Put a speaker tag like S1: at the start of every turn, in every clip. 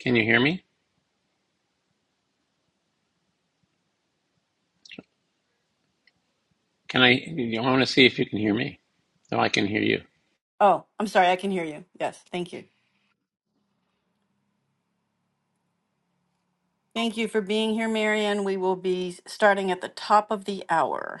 S1: Can you hear me? Can I? I want to see if you can hear me. No, I can hear you.
S2: Oh, I'm sorry. I can hear you. Yes. Thank you. Thank you for being here, Marion. We will be starting at the top of the hour.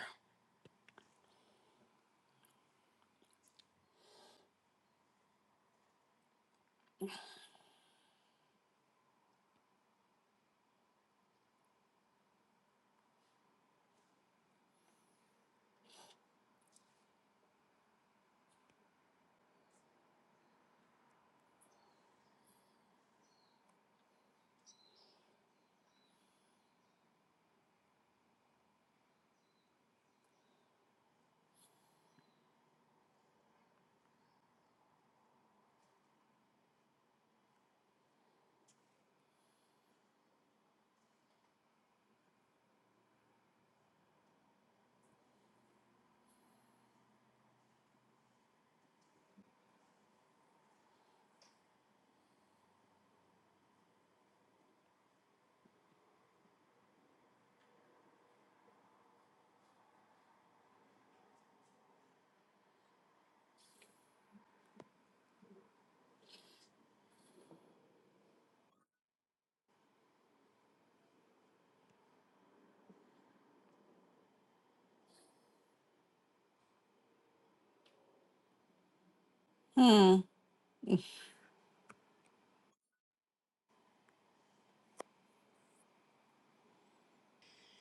S2: Hmm.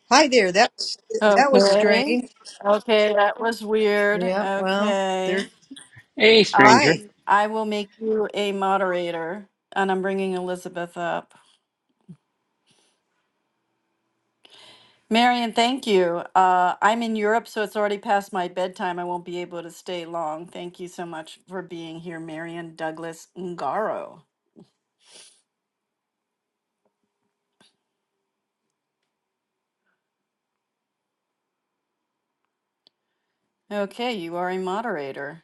S3: Hi there. That's that was
S2: Okay.
S3: strange.
S2: Okay. That was weird.
S3: Yeah, well, there.
S2: Okay.
S1: Hey,
S2: Um,
S1: stranger.
S3: Hi.
S2: I will make you a moderator, and I'm bringing Elizabeth up. Marion, thank you. Uh, I'm in Europe, so it's already past my bedtime. I won't be able to stay long. Thank you so much for being here, Marion Douglas Ngaro. Okay, you are a moderator.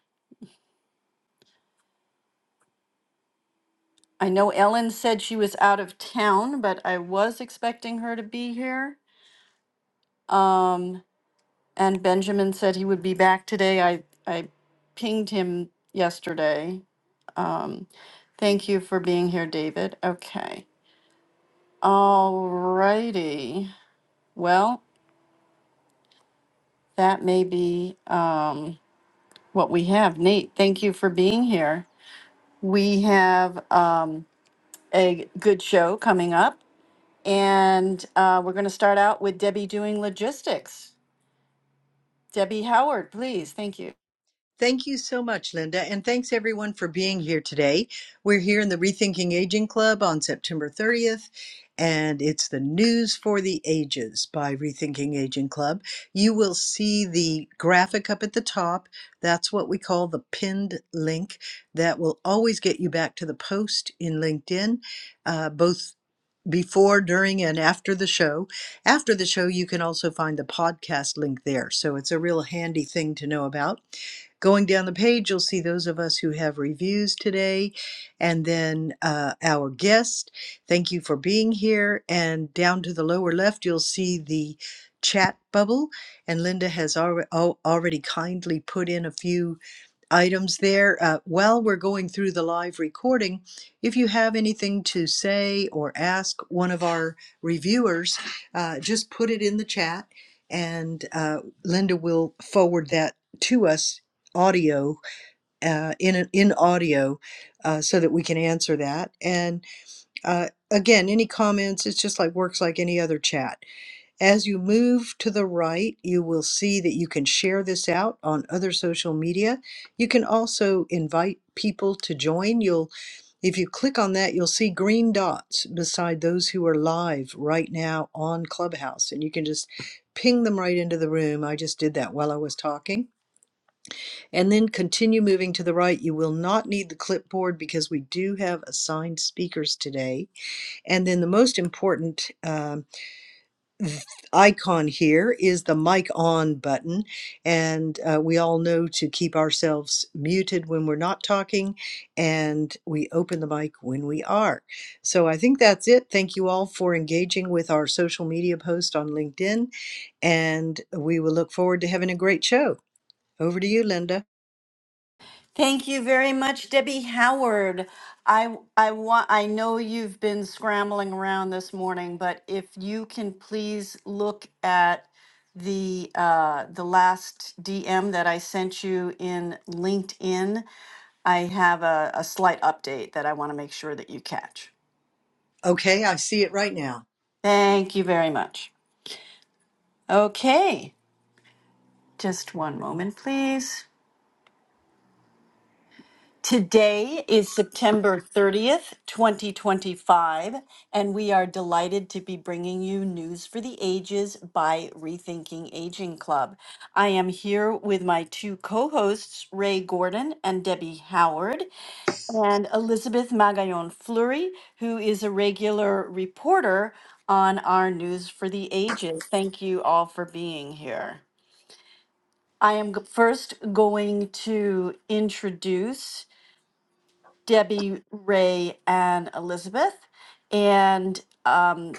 S2: I know Ellen said she was out of town, but I was expecting her to be here. Um, and Benjamin said he would be back today. I, I pinged him yesterday. Thank you for being here, David. Okay. Alrighty. Well, that may be um, what we have. Nate, thank you for being here. We have um, a good show coming up, and uh, we're going to start out with Debbie doing logistics. Debbie Howard, please. Thank you.
S3: Thank you so much, Linda, and thanks everyone for being here today. We're here in the Rethinking Aging Club on September 30th, and it's the News for the Ages by Rethinking Aging Club. You will see the graphic up at the top. That's what we call the pinned link. That will always get you back to the post in LinkedIn, uh, both before, during, and after the show. After the show, you can also find the podcast link there. So it's a real handy thing to know about. Going down the page, you'll see those of us who have reviews today, and then uh, our guest. Thank you for being here. And down to the lower left, you'll see the chat bubble. And Linda has alre- al- already kindly put in a few items there. Uh, while we're going through the live recording, if you have anything to say or ask one of our reviewers, uh, just put it in the chat and uh, Linda will forward that to us audio uh, in in audio uh, so that we can answer that and uh, again any comments it's just like works like any other chat as you move to the right, you will see that you can share this out on other social media. You can also invite people to join. You'll if you click on that, you'll see green dots beside those who are live right now on Clubhouse, and you can just ping them right into the room. I just did that while I was talking. And then continue moving to the right. You will not need the clipboard because we do have assigned speakers today. And then the most important um, icon here is the mic on button. And uh, we all know to keep ourselves muted when we're not talking, and we open the mic when we are. So I think that's it. Thank you all for engaging with our social media post on LinkedIn, and we will look forward to having a great show. Over to you, Linda.
S2: Thank you very much, Debbie Howard. I I want I know you've been scrambling around this morning, but if you can please look at the uh, the last DM that I sent you in LinkedIn, I have a, a slight update that I want to make sure that you catch.
S3: Okay, I see it right now.
S2: Thank you very much. Okay, just one moment, please. Today is September 30th, 2025, and we are delighted to be bringing you News for the Ages by Rethinking Aging Club. I am here with my two co hosts, Ray Gordon and Debbie Howard, and Elizabeth Magallon Fleury, who is a regular reporter on our News for the Ages. Thank you all for being here. I am g- first going to introduce Debbie, Ray, and Elizabeth, and um,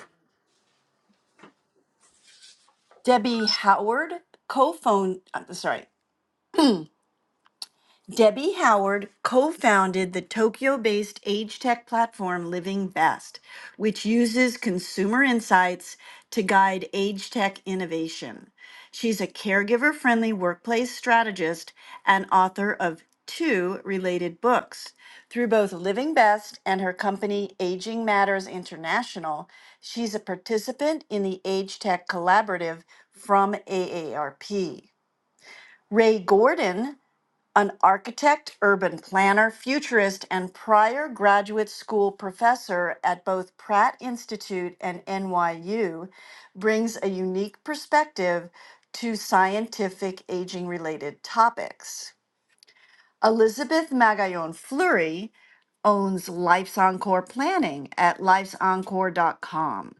S2: Debbie Howard co-phone. uh, Sorry, Debbie Howard co founded the Tokyo based age tech platform Living Best, which uses consumer insights to guide age tech innovation. She's a caregiver friendly workplace strategist and author of two related books. Through both Living Best and her company Aging Matters International, she's a participant in the Age Tech Collaborative from AARP. Ray Gordon an architect, urban planner, futurist, and prior graduate school professor at both Pratt Institute and NYU, brings a unique perspective to scientific aging related topics. Elizabeth Magallon Fleury owns Life's Encore Planning at lifesencore.com.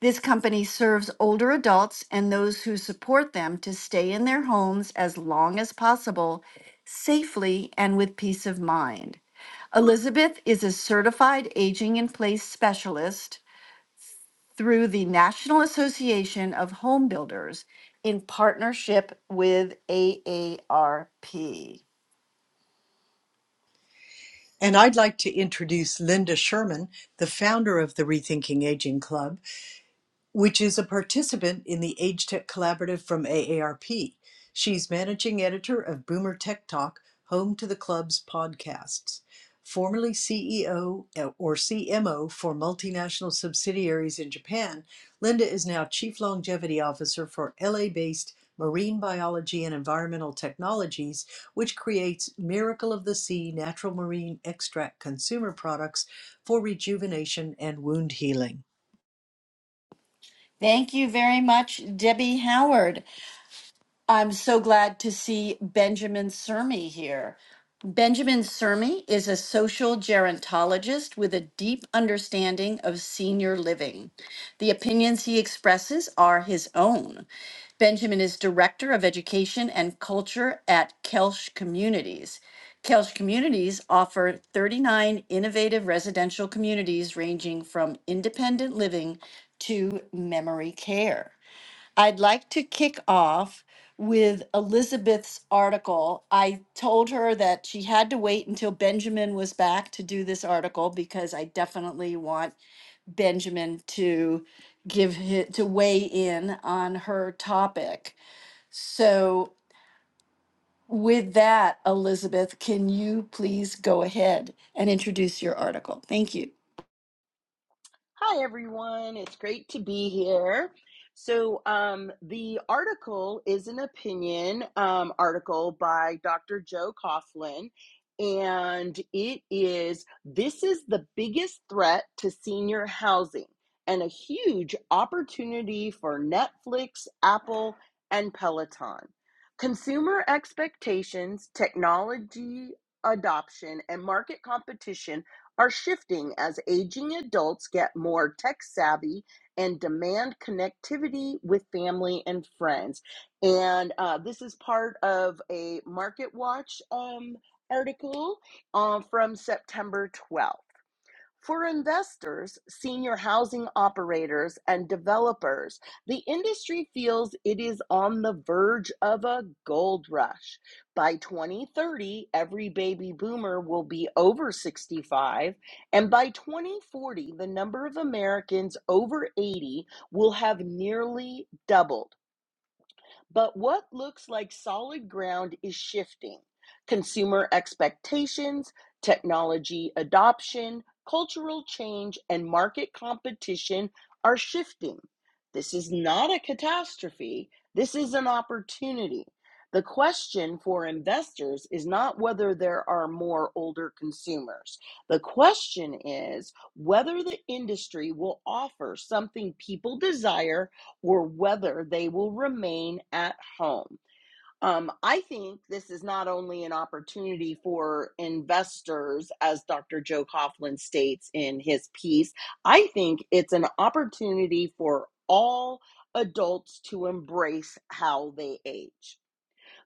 S2: This company serves older adults and those who support them to stay in their homes as long as possible, safely and with peace of mind. Elizabeth is a certified aging in place specialist through the National Association of Home Builders in partnership with AARP.
S3: And I'd like to introduce Linda Sherman, the founder of the Rethinking Aging Club. which is a participant in the Age Tech Collaborative from AARP. She's managing editor of Boomer Tech Talk, home to the club's podcasts. Formerly CEO or CMO for multinational subsidiaries in Japan, Linda is now Chief Longevity Officer for LA based Marine Biology and Environmental Technologies, which creates Miracle of the Sea natural marine extract consumer products for rejuvenation and wound healing.
S2: Thank you very much, Debbie Howard. I'm so glad to see Benjamin Sermi here. Benjamin Sermi is a social gerontologist with a deep understanding of senior living. The opinions he expresses are his own. Benjamin is Director of Education and Culture at Kelsch Communities. Kelsch Communities offer 39 innovative residential communities ranging from independent living to memory care. I'd like to kick off with Elizabeth's article. I told her that she had to wait until Benjamin was back to do this article because I definitely want Benjamin to give his, to weigh in on her topic. So with that, Elizabeth, can you please go ahead and introduce your article? Thank you.
S4: Hi, everyone. It's great to be here. So, um, the article is an opinion um, article by Dr. Joe Coughlin, and it is This is the biggest threat to senior housing and a huge opportunity for Netflix, Apple, and Peloton. Consumer expectations, technology adoption, and market competition are shifting as aging adults get more tech savvy and demand connectivity with family and friends. And uh, this is part of a Market Watch um, article uh, from September 12th. For investors, senior housing operators, and developers, the industry feels it is on the verge of a gold rush. By 2030, every baby boomer will be over 65, and by 2040, the number of Americans over 80 will have nearly doubled. But what looks like solid ground is shifting. Consumer expectations, technology adoption, cultural change, and market competition are shifting. This is not a catastrophe, this is an opportunity. The question for investors is not whether there are more older consumers. The question is whether the industry will offer something people desire or whether they will remain at home. Um, I think this is not only an opportunity for investors, as Dr. Joe Coughlin states in his piece, I think it's an opportunity for all adults to embrace how they age.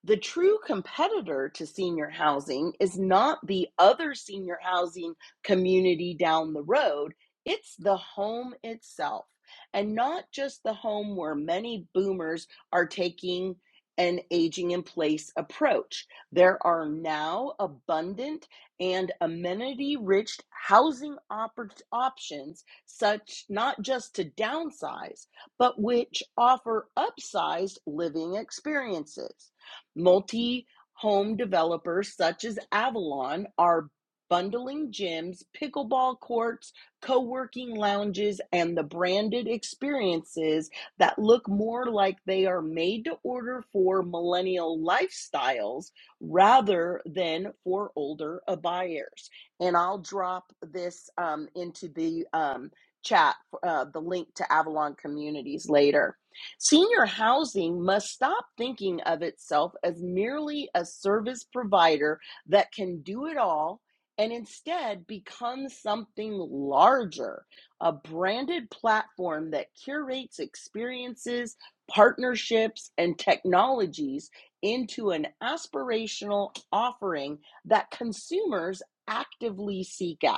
S4: The true competitor to senior housing is not the other senior housing community down the road, it's the home itself. And not just the home where many boomers are taking an aging in place approach. There are now abundant and amenity rich housing oppor- options, such not just to downsize, but which offer upsized living experiences. Multi home developers such as Avalon are bundling gyms, pickleball courts, co working lounges, and the branded experiences that look more like they are made to order for millennial lifestyles rather than for older buyers. And I'll drop this um, into the um, chat, uh, the link to Avalon Communities later Senior housing must stop thinking of itself as merely a service provider that can do it all and instead become something larger, a branded platform that curates experiences, partnerships, and technologies into an aspirational offering that consumers actively seek out.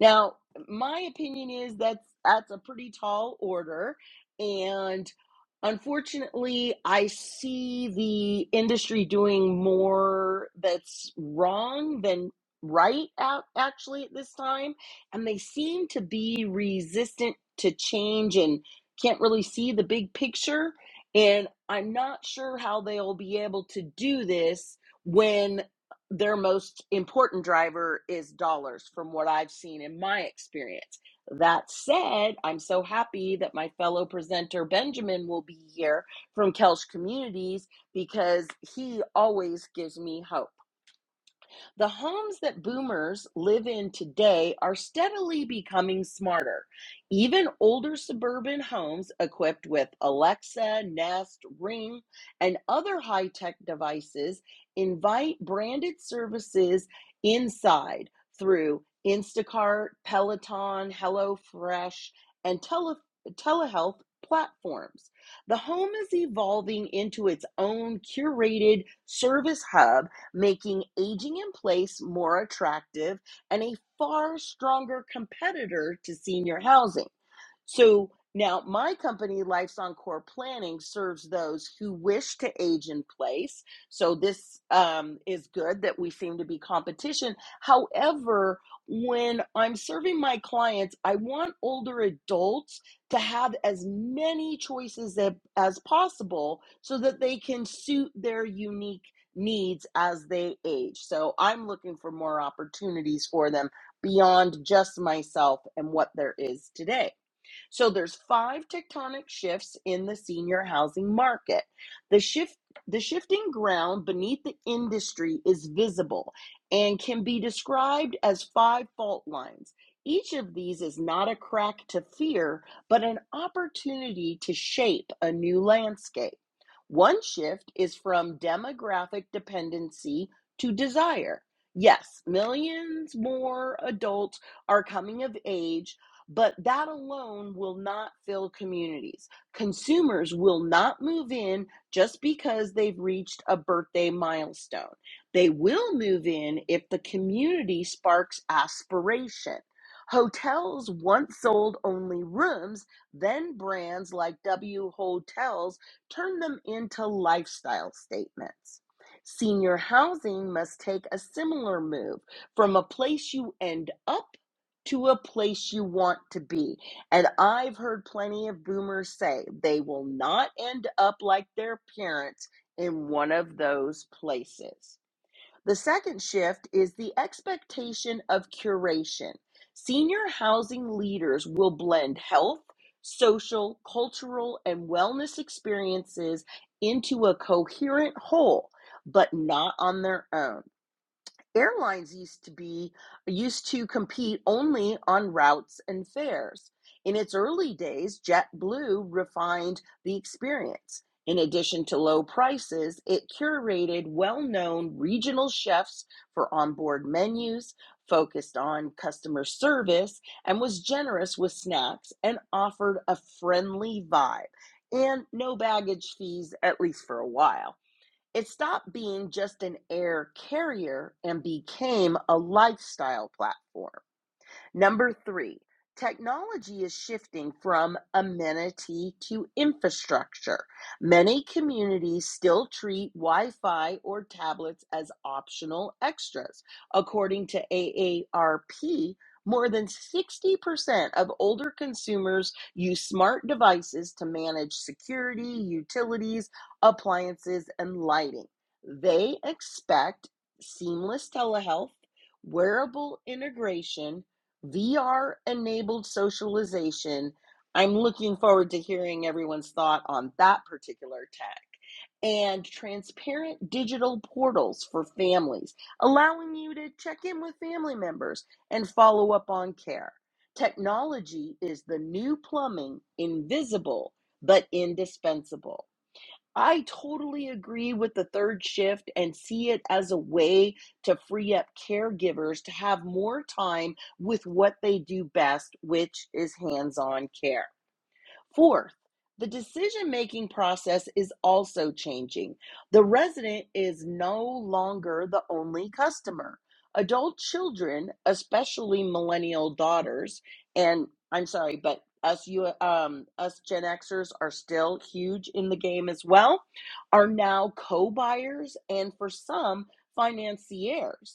S4: Now, my opinion is that's that's a pretty tall order, and unfortunately, I see the industry doing more that's wrong than right out actually at this time, and they seem to be resistant to change and can't really see the big picture. And I'm not sure how they'll be able to do this when their most important driver is dollars from what I've seen in my experience. That said, I'm so happy that my fellow presenter Benjamin will be here from Kelch Communities because he always gives me hope. The homes that boomers live in today are steadily becoming smarter. Even older suburban homes equipped with Alexa, Nest, Ring, and other high tech devices invite branded services inside through Instacart, Peloton, HelloFresh, and tele- telehealth platforms. The home is evolving into its own curated service hub making aging in place more attractive and a far stronger competitor to senior housing. So now my company, Life's Encore Planning, serves those who wish to age in place. So this um, is good that we seem to be competition. However, when I'm serving my clients, I want older adults to have as many choices a- as possible so that they can suit their unique needs as they age. So I'm looking for more opportunities for them beyond just myself and what there is today. So there's five tectonic shifts in the senior housing market. The shift the shifting ground beneath the industry is visible and can be described as five fault lines. Each of these is not a crack to fear, but an opportunity to shape a new landscape. One shift is from demographic dependency to desire. Yes, millions more adults are coming of age but that alone will not fill communities. Consumers will not move in just because they've reached a birthday milestone. They will move in if the community sparks aspiration. Hotels once sold only rooms, then brands like W Hotels turned them into lifestyle statements. Senior housing must take a similar move from a place you end up to a place you want to be. And I've heard plenty of boomers say they will not end up like their parents in one of those places. The second shift is the expectation of curation. Senior housing leaders will blend health, social, cultural, and wellness experiences into a coherent whole, but not on their own airlines used to be used to compete only on routes and fares. In its early days, JetBlue refined the experience. In addition to low prices, it curated well known regional chefs for onboard menus, focused on customer service, and was generous with snacks and offered a friendly vibe and no baggage fees, at least for a while. It stopped being just an air carrier and became a lifestyle platform. Number three, technology is shifting from amenity to infrastructure. Many communities still treat Wi Fi or tablets as optional extras. According to AARP, more than 60% of older consumers use smart devices to manage security, utilities, appliances, and lighting. They expect seamless telehealth, wearable integration, VR enabled socialization. I'm looking forward to hearing everyone's thought on that particular tech and transparent digital portals for families, allowing you to check in with family members and follow up on care. Technology is the new plumbing, invisible but indispensable. I totally agree with the third shift and see it as a way to free up caregivers to have more time with what they do best, which is hands on care. Fourth, the decision making process is also changing. The resident is no longer the only customer. Adult children, especially millennial daughters, and I'm sorry, but us you um us Gen Xers are still huge in the game as well, are now co-buyers and for some financiers.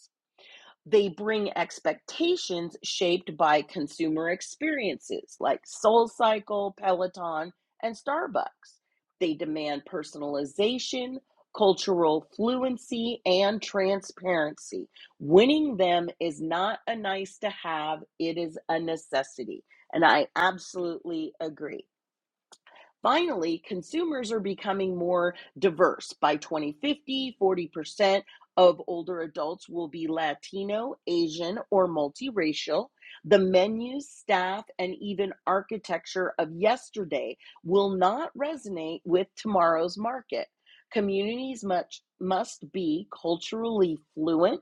S4: They bring expectations shaped by consumer experiences like SoulCycle, Peloton, and Starbucks. They demand personalization, cultural fluency, and transparency. Winning them is not a nice to have, it is a necessity. And I absolutely agree. Finally, consumers are becoming more diverse. By twenty fifty, forty percent of older adults will be Latino, Asian, or multiracial. The menus, staff, and even architecture of yesterday will not resonate with tomorrow's market. Communities much, must be culturally fluent,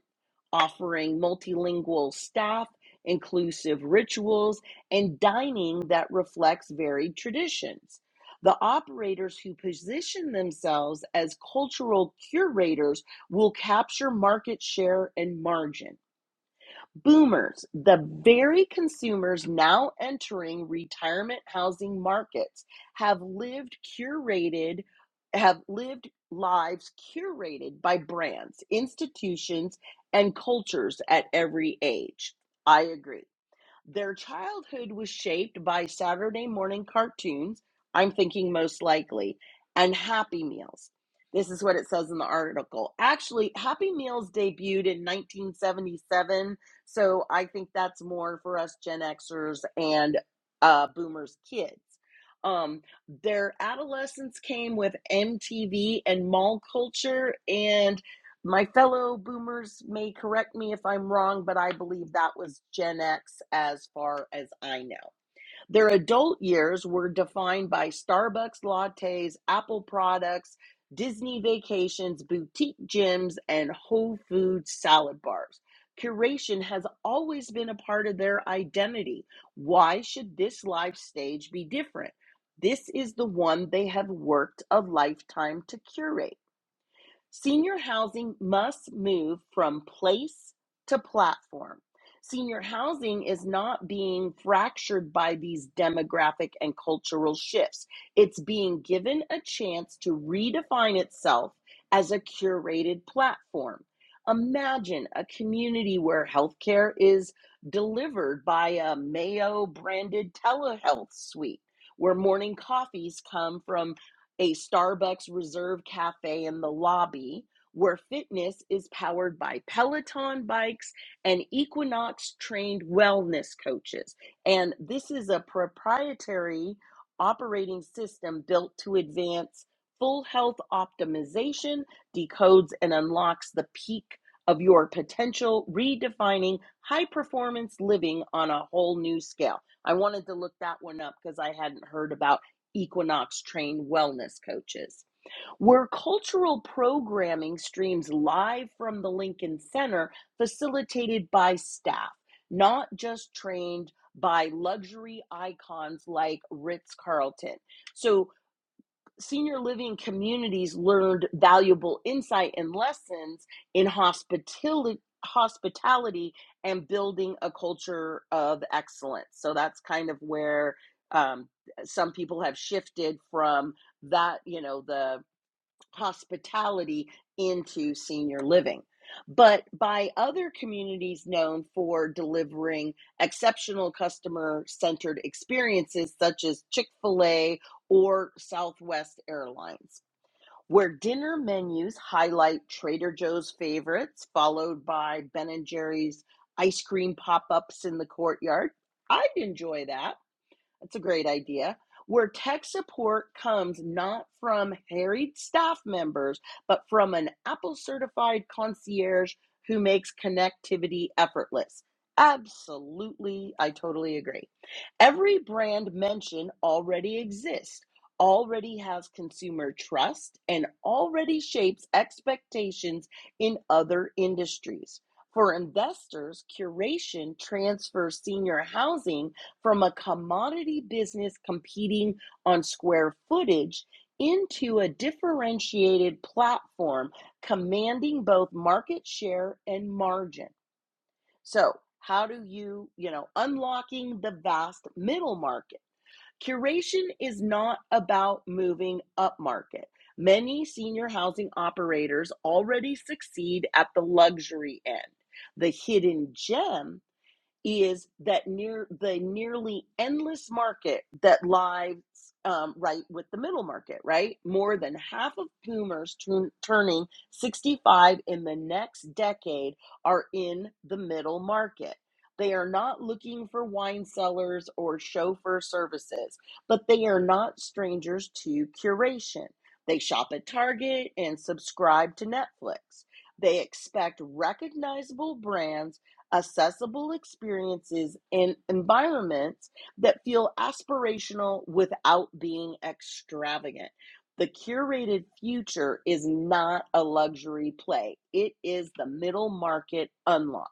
S4: offering multilingual staff, inclusive rituals, and dining that reflects varied traditions. The operators who position themselves as cultural curators will capture market share and margin. Boomers, the very consumers now entering retirement housing markets, have lived curated, have lived lives curated by brands, institutions, and cultures at every age. I agree. Their childhood was shaped by Saturday morning cartoons, I'm thinking most likely, and Happy Meals. This is what it says in the article. Actually, Happy Meals debuted in 1977, so I think that's more for us Gen Xers and uh, Boomers kids. Um, their adolescence came with MTV and mall culture, and my fellow boomers may correct me if I'm wrong, but I believe that was Gen X as far as I know. Their adult years were defined by Starbucks lattes, Apple products, Disney vacations, boutique gyms, and Whole Foods salad bars. Curation has always been a part of their identity. Why should this life stage be different? This is the one they have worked a lifetime to curate. Senior housing must move from place to platform. Senior housing is not being fractured by these demographic and cultural shifts. It's being given a chance to redefine itself as a curated platform. Imagine a community where healthcare is delivered by a Mayo branded telehealth suite, where morning coffees come from a Starbucks Reserve Cafe in the lobby where fitness is powered by Peloton bikes and Equinox trained wellness coaches. And this is a proprietary operating system built to advance full health optimization, decodes and unlocks the peak of your potential, redefining high performance living on a whole new scale. I wanted to look that one up because I hadn't heard about Equinox trained wellness coaches. Where cultural programming streams live from the Lincoln Center, facilitated by staff, not just trained by luxury icons like Ritz Carlton. So, senior living communities learned valuable insight and lessons in hospitality hospitality and building a culture of excellence so that's kind of where um, some people have shifted from that you know the hospitality into senior living. But by other communities known for delivering exceptional customer centered experiences, such as Chick fil A or Southwest Airlines, where dinner menus highlight Trader Joe's favorites, followed by Ben and Jerry's ice cream pop ups in the courtyard. I'd enjoy that that's a great idea. Where tech support comes not from harried staff members, but from an Apple certified concierge who makes connectivity effortless. Absolutely, I totally agree. Every brand mentioned already exists, already has consumer trust, and already shapes expectations in other industries. For investors, curation transfers senior housing from a commodity business competing on square footage into a differentiated platform commanding both market share and margin. So, how do you, you know, unlocking the vast middle market? Curation is not about moving up market. Many senior housing operators already succeed at the luxury end. The hidden gem is that near the nearly endless market that lies um, right with the middle market, right? More than half of boomers turn, turning 65 in the next decade are in the middle market. They are not looking for wine cellars or chauffeur services, but they are not strangers to curation. They shop at Target and subscribe to Netflix. They expect recognizable brands accessible experiences and environments that feel aspirational without being extravagant. The curated future is not a luxury play, it is the middle market unlock.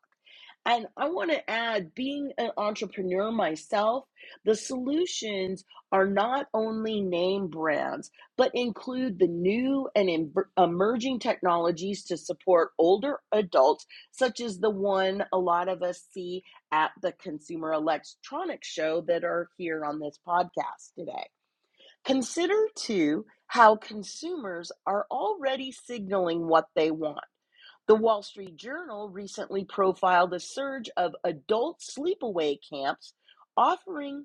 S4: And I want to add, being an entrepreneur myself, the solutions are not only name brands, but include the new and em- emerging technologies to support older adults such as the one a lot of us see at the Consumer Electronics Show that are here on this podcast today. Consider too how consumers are already signaling what they want. The Wall Street Journal recently profiled a surge of adult sleepaway camps offering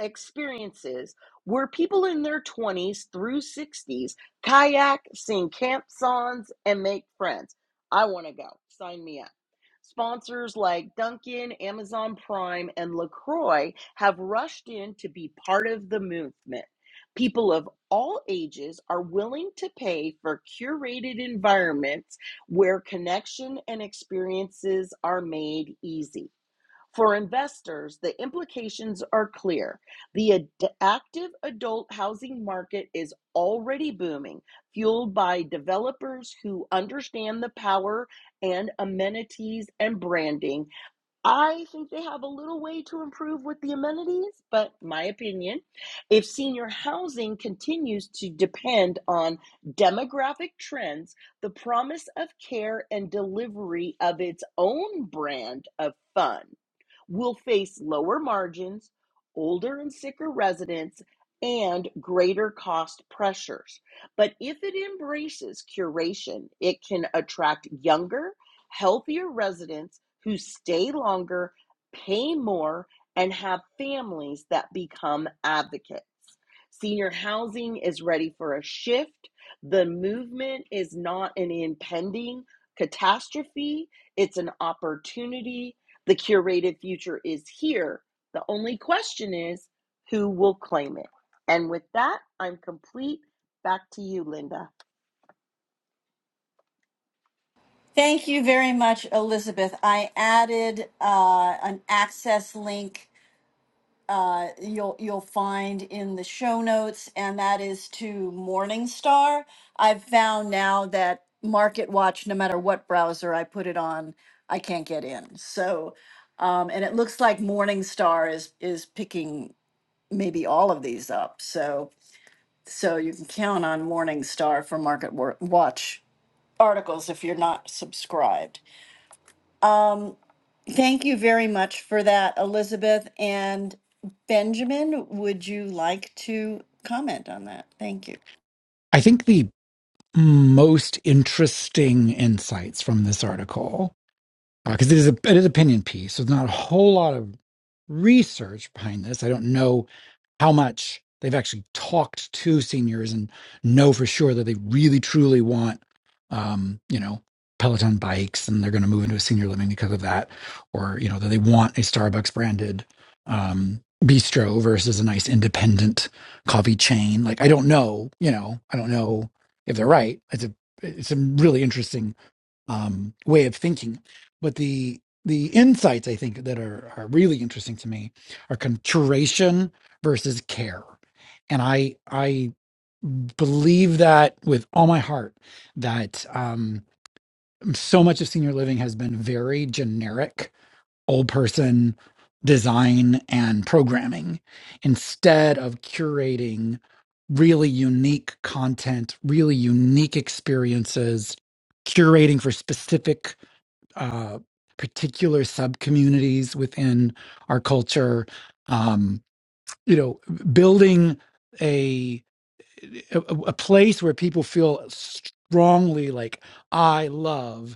S4: experiences where people in their 20s through 60s kayak, sing camp songs, and make friends. I want to go. Sign me up. Sponsors like Duncan, Amazon Prime, and LaCroix have rushed in to be part of the movement. People of all ages are willing to pay for curated environments where connection and experiences are made easy. For investors, the implications are clear. The ad- active adult housing market is already booming, fueled by developers who understand the power and amenities and branding. I think they have a little way to improve with the amenities, but my opinion. If senior housing continues to depend on demographic trends, the promise of care and delivery of its own brand of fun will face lower margins, older and sicker residents, and greater cost pressures. But if it embraces curation, it can attract younger, healthier residents who stay longer, pay more, and have families that become advocates. Senior housing is ready for a shift. The movement is not an impending catastrophe, it's an opportunity the curated future is here. The only question is who will claim it? And with that, I'm complete. Back to you, Linda.
S2: Thank you very much, Elizabeth. I added uh, an access link uh, you'll you'll find in the show notes, and that is to Morningstar. I've found now that Market Watch, no matter what browser I put it on, I can't get in. So, um, and it looks like Morningstar is is picking maybe all of these up. So, so you can count on Morningstar for Market Wa- Watch articles if you're not subscribed. Um. Thank you very much for that, Elizabeth. And Benjamin, would you like to comment on that? Thank you.
S5: I think the most interesting insights from this article, because uh, it is a it is an opinion piece, so there's not a whole lot of research behind this. I don't know how much they've actually talked to seniors and know for sure that they really truly want um, you know peloton bikes and they're going to move into a senior living because of that or you know that they want a starbucks branded um, bistro versus a nice independent coffee chain like i don't know you know i don't know if they're right it's a it's a really interesting um, way of thinking. But the the insights I think that are are really interesting to me are conturation versus care, and I I believe that with all my heart that um, so much of senior living has been very generic, old person design and programming instead of curating really unique content, really unique experiences, curating for specific uh, particular sub communities within our culture. Um, you know, building a, a a place where people feel strongly like I love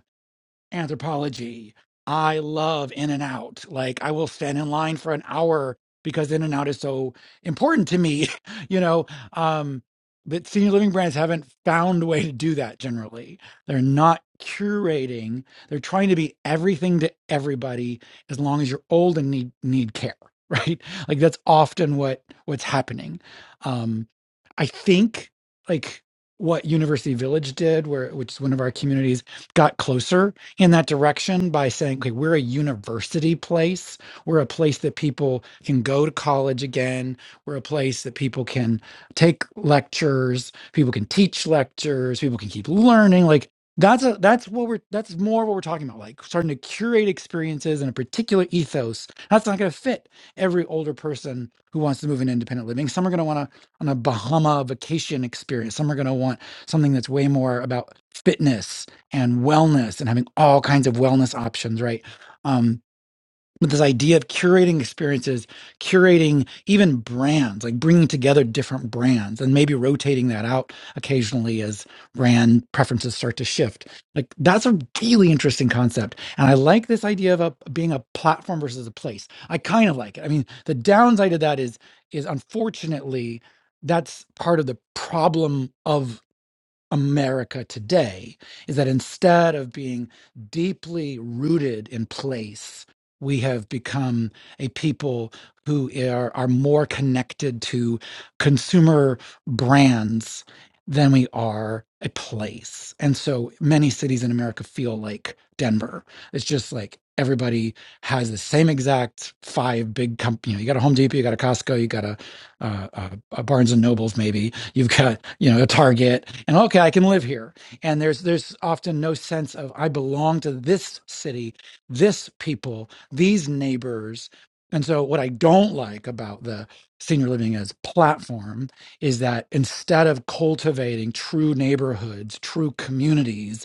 S5: anthropology. I love In n Out. Like I will stand in line for an hour because In n Out is so important to me, you know. Um, but senior living brands haven't found a way to do that generally. They're not curating. They're trying to be everything to everybody as long as you're old and need need care, right? Like that's often what what's happening. Um, I think like what University Village did, where which is one of our communities, got closer in that direction by saying, okay, we're a university place. We're a place that people can go to college again. We're a place that people can take lectures, people can teach lectures, people can keep learning. Like that's a, that's what we're that's more what we're talking about. Like starting to curate experiences in a particular ethos. That's not going to fit every older person who wants to move in independent living. Some are going to want to on a Bahama vacation experience. Some are going to want something that's way more about fitness and wellness and having all kinds of wellness options, right? Um, but this idea of curating experiences, curating even brands, like bringing together different brands and maybe rotating that out occasionally as brand preferences start to shift. Like that's a really interesting concept. And I like this idea of a, being a platform versus a place. I kind of like it. I mean, the downside of that is, is unfortunately, that's part of the problem of. America today is that instead of being deeply rooted in place, we have become a people who are, are more connected to consumer brands than we are a place. And so many cities in America feel like Denver. It's just like everybody has the same exact five big companies. You, know, you got a Home Depot, you got a Costco, you got a, uh, a, a Barnes and Nobles, maybe, You've got, you know, a Target, and okay, I can live here. And there's there's often no sense of I belong to this city, this people, these neighbors. And so what I don't like about the senior living as platform is that instead of cultivating true neighborhoods, true communities,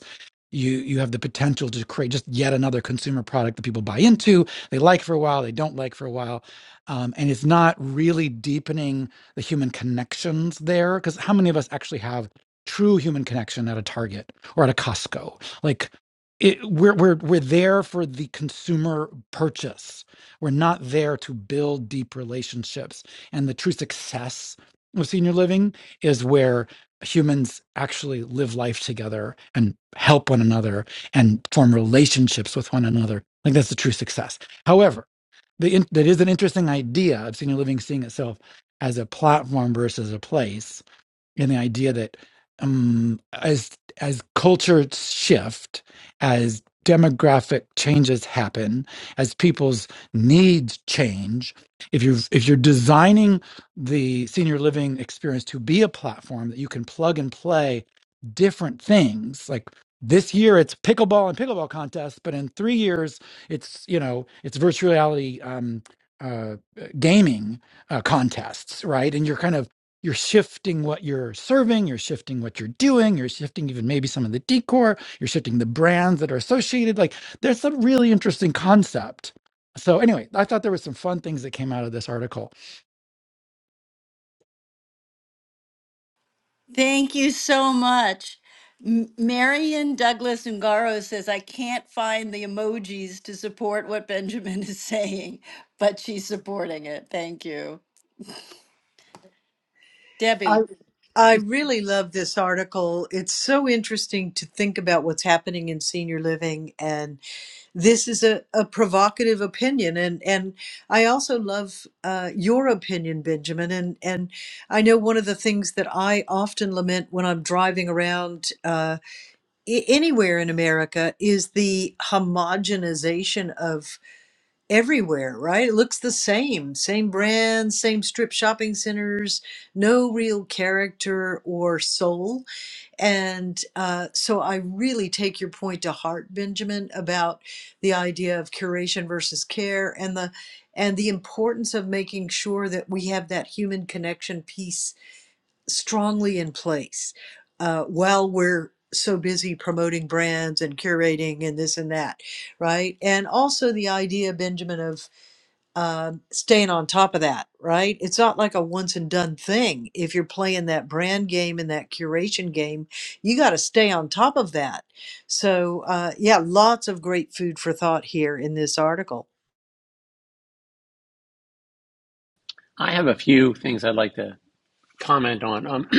S5: you you have the potential to create just yet another consumer product that people buy into they like for a while they don't like for a while um, and it's not really deepening the human connections there because how many of us actually have true human connection at a target or at a costco like it, we're, we're, we're there for the consumer purchase we're not there to build deep relationships and the true success of senior living is where humans actually live life together and help one another and form relationships with one another. I think that's the true success. However, the in, that is an interesting idea of senior living seeing itself as a platform versus a place and the idea that um, as as cultures shift, as demographic changes happen, as people's needs change, if you if you're designing the senior living experience to be a platform that you can plug and play different things, like this year it's pickleball and pickleball contests, but in three years it's you know it's virtual reality um, uh, gaming uh, contests, right? And you're kind of you're shifting what you're serving, you're shifting what you're doing, you're shifting even maybe some of the decor, you're shifting the brands that are associated. Like there's some really interesting concept. So anyway, I thought there was some fun things that came out of this article.
S2: Thank you so much. M- Marion Douglas Ungaro says, I can't find the emojis to support what Benjamin is saying, but she's supporting it. Thank you.
S3: I,
S2: Debbie,
S3: I really love this article. It's so interesting to think about what's happening in senior living. And this is a, a provocative opinion. And, and I also love uh, your opinion, Benjamin. And, and I know one of the things that I often lament when I'm driving around uh, i- anywhere in America is the homogenization of everywhere, right? It looks the same, same brands, same strip shopping centers, no real character or soul. And uh, so I really take your point to heart, Benjamin, about the idea of curation versus care and the and the importance of making sure that we have that human connection piece strongly in place uh, while we're so busy promoting brands and curating and this and that, right? And also the idea, Benjamin, of uh, staying on top of that, right? It's not like a once and done thing. If you're playing that brand game and that curation game, you got to stay on top of that. So, uh, yeah, lots of great food for thought here in this article.
S1: I have a few things I'd like to comment on. Um,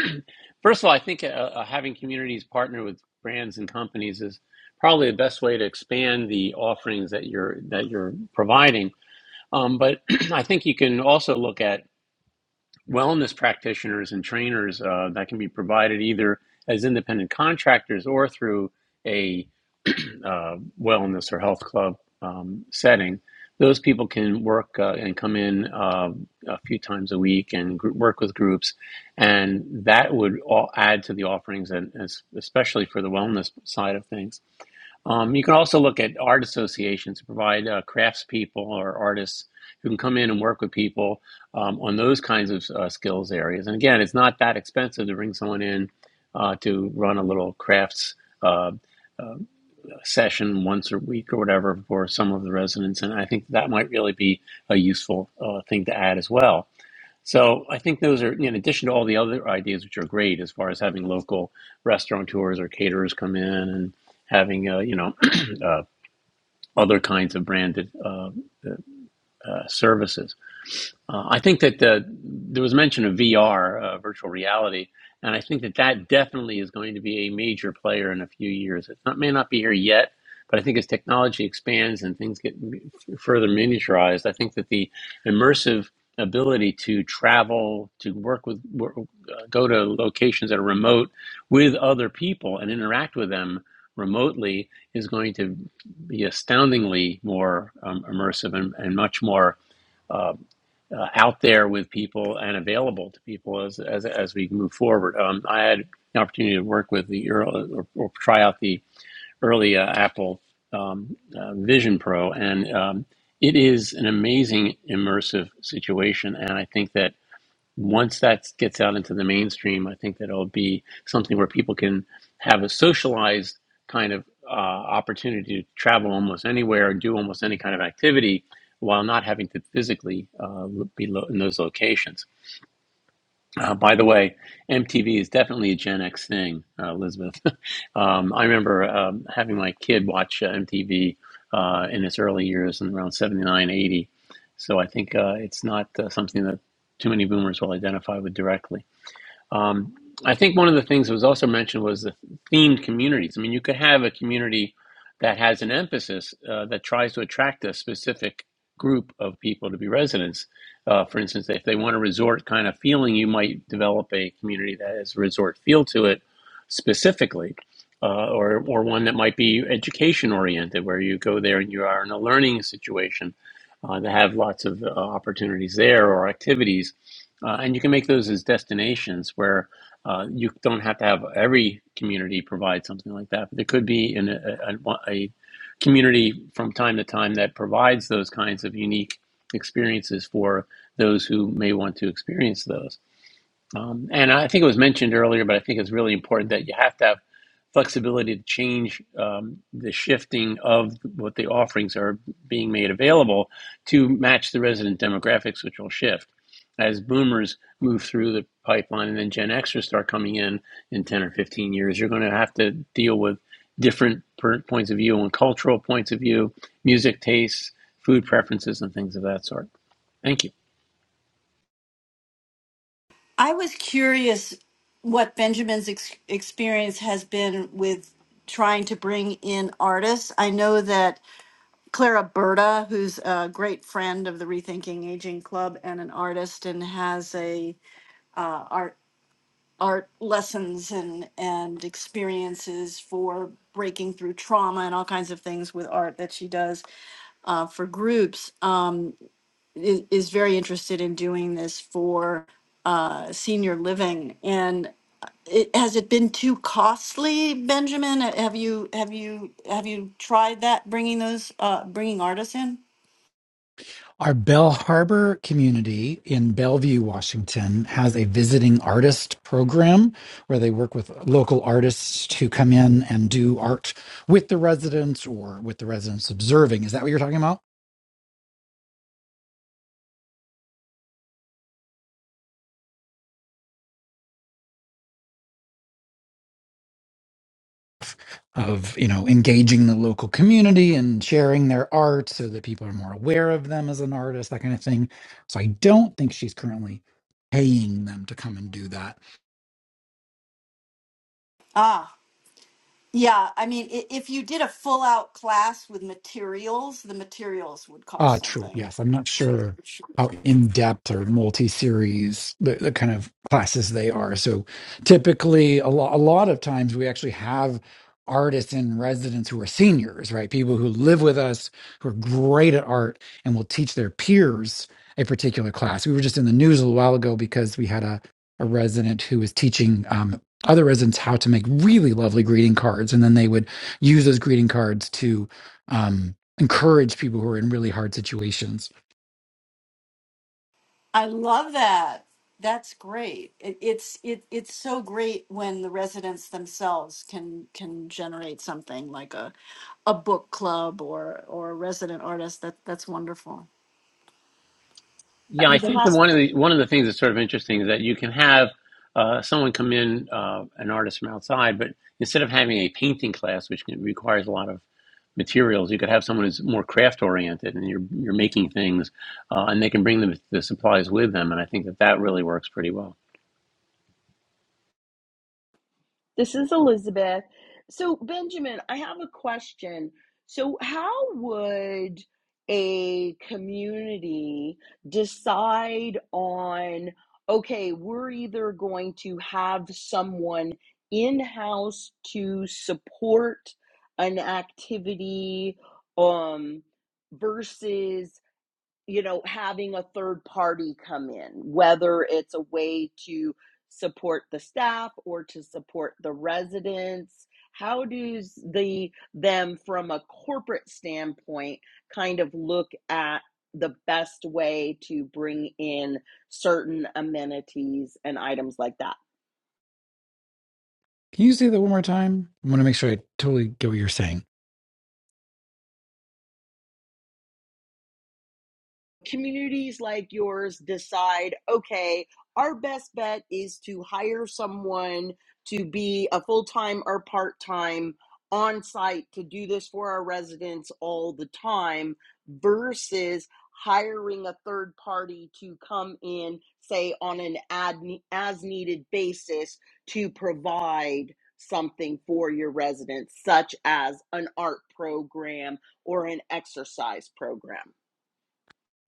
S1: first of all, I think uh, uh, having communities partner with brands and companies is probably the best way to expand the offerings that you're that you're providing. Um, but I think you can also look at wellness practitioners and trainers uh, that can be provided either as independent contractors or through a uh, wellness or health club um, setting, those people can work uh, and come in uh, a few times a week and gr- work with groups, and that would all add to the offerings, and as, especially for the wellness side of things. Um, you can also look at art associations to provide uh, craftspeople or artists who can come in and work with people um, on those kinds of uh, skills areas. And again, it's not that expensive to bring someone in uh, to run a little crafts. Uh, uh, session once a week or whatever for some of the residents. And I think that might really be a useful uh, thing to add as well. So I think those are, in addition to all the other ideas, which are great as far as having local restaurateurs or caterers come in and having, uh, you know, uh, other kinds of branded uh, uh, services. Uh, I think that the, there was mention of VR, uh, virtual reality, and I think that that definitely is going to be a major player in a few years. It not, may not be here yet, but I think as technology expands and things get further miniaturized, I think that the immersive ability to travel, to work with, work, uh, go to locations that are remote with other people and interact with them remotely is going to be astoundingly more um, immersive and, and much more um, uh, out there with people and available to people as as, as we move forward. Um, I had the opportunity to work with the early, or, or try out the early uh, Apple um, uh, Vision Pro, and um, it is an amazing immersive situation. And I think that once that gets out into the mainstream, I think that'll it be something where people can have a socialized kind of uh, opportunity to travel almost anywhere or do almost any kind of activity while not having to physically uh, be lo- in those locations. Uh, by the way, MTV is definitely a Gen X thing, uh, Elizabeth. um, I remember um, having my kid watch uh, MTV uh, in its early years, in around 79, 80. So I think uh, it's not uh, something that too many boomers will identify with directly. Um, I think one of the things that was also mentioned was the themed communities. I mean, you could have a community that has an emphasis uh, that tries to attract a specific group of people to be residents. Uh, for instance, if they want a resort kind of feeling, you might develop a community that has a resort feel to it specifically, uh, or, or one that might be education oriented, where you go there and you are in a learning situation. Uh, they have lots of uh, opportunities there or activities uh, and you can make those as destinations where uh, you don't have to have every community provide something like that. But there could be in a, a, a community from time to time that provides those kinds of unique experiences for those who may want to experience those. Um, and I think it was mentioned earlier, but I think it's really important that you have to have flexibility to change um, the shifting of what the offerings are being made available to match the resident demographics, which will shift as boomers move through the pipeline and then Gen Xers start coming in in 10 or 15 years. You're going to have to deal with different points of view and cultural points of view, music tastes, food preferences, and things of that sort. Thank you.
S2: I was curious what Benjamin's ex- experience has been with trying to bring in artists. I know that Clara Berta, who's a great friend of the Rethinking Aging Club and an artist, and has a uh, art art lessons and and experiences for breaking through trauma and all kinds of things with art that she does uh, for groups. Um, is, is very interested in doing this for uh, senior living, and uh, it, has it been too costly, Benjamin? Uh, Have you have you have you tried that bringing those uh, bringing artists in?
S5: Our Bell Harbor community in Bellevue, Washington has a visiting artist program where they work with local artists to come in and do art with the residents or with the residents observing. Is that what you're talking about? of you know engaging the local community and sharing their art so that people are more aware of them as an artist that kind of thing so i don't think she's currently paying them to come and do that
S2: Ah. Yeah, I mean, i- if you did a full out class with materials, the materials would cost
S5: Ah, true.
S2: something.
S5: Yes, I'm not sure how in depth or multi series the, the kind of classes they are. So typically, a, lo- a lot of times we actually have artists in residence who are seniors, right? People who live with us who are great at art and will teach their peers a particular class. We were just in the news a little while ago because we had a a resident who was teaching um, other residents how to make really lovely greeting cards, and then they would use those greeting cards to. Um, encourage people who are in really hard situations.
S2: I love that. That's great. It, it's it it's so great when the residents themselves can can generate something like a a book club or or a resident artist. That that's wonderful.
S4: Uh,
S1: Yeah, I
S4: Hi,
S1: think
S2: Anybody?
S1: that one of the one of the things that's sort of interesting is that you can have uh, someone come in, uh, an artist from outside, but instead of having a painting class, which can, requires a lot of materials, you could have someone who's more craft oriented, and you're you're making things, uh, and they can bring the, the supplies with them, and I think that that really works pretty well.
S4: This is Elizabeth. So, Benjamin, I have a question. So, how would a community decide on, okay, we're either going to have someone in house to support an activity um, versus you know, having a third party come in, whether it's a way to support the staff or to support the residents. How does the them from a corporate standpoint kind of look at the best way to bring in certain amenities and items like that?
S5: Can you say that one more time? I want to make sure I totally get what you're saying.
S4: communities like yours decide okay our best bet is to hire someone to be a full-time or part-time on site to do this for our residents all the time versus hiring a third party to come in say on an ad as needed basis to provide something for your residents such as an art program or an exercise program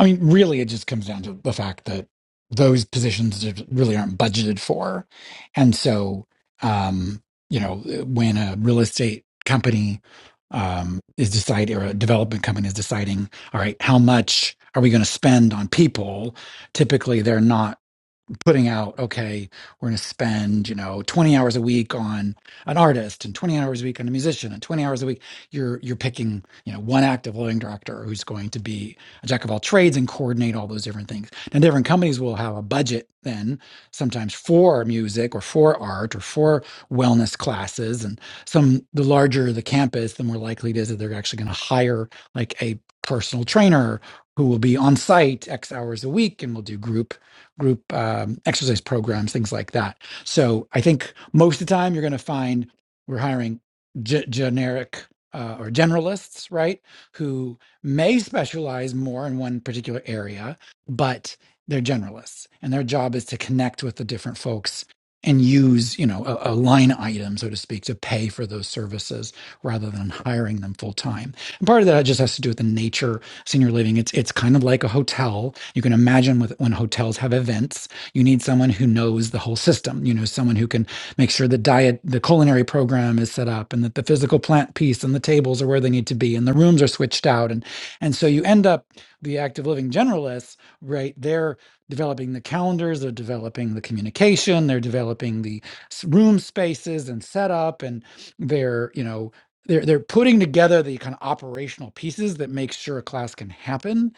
S5: I mean, really, it just comes down to the fact that those positions just really aren't budgeted for. And so, um, you know, uh, when a real estate company um, is deciding, or a development company is deciding, all right, how much are we going to spend on people? Typically, they're not putting out, okay, we're going to spend, you know, 20 hours a week on an artist and 20 hours a week on a musician and 20 hours a week, you're, you're picking, you know, one active living director who's going to be a jack of all trades and coordinate all those different things. Now, different companies will have a budget then sometimes for music or for art or for wellness classes. And some, the larger the campus, the more likely it is that they're actually going to hire like a personal trainer who will be on site X hours a week and will do group group um, exercise programs, things like that. So I think most of the time you're going to find we're hiring ge- generic uh, or generalists, right? Who may specialize more in one particular area, but they're generalists, and their job is to connect with the different folks and use you know a, a line item so to speak to pay for those services rather than hiring them full time and part of that just has to do with the nature senior living. It's it's kind of like a hotel. You can imagine with when hotels have events, you need someone who knows the whole system. You know, someone who can make sure the diet, the culinary program is set up, and that the physical plant piece and the tables are where they need to be, and the rooms are switched out, and and so you end up the active living generalists, right? They're developing the calendars, they're developing the communication, they're developing the s- room spaces and setup, and they're you know they're they're putting together the kind of operational pieces that make sure a class can happen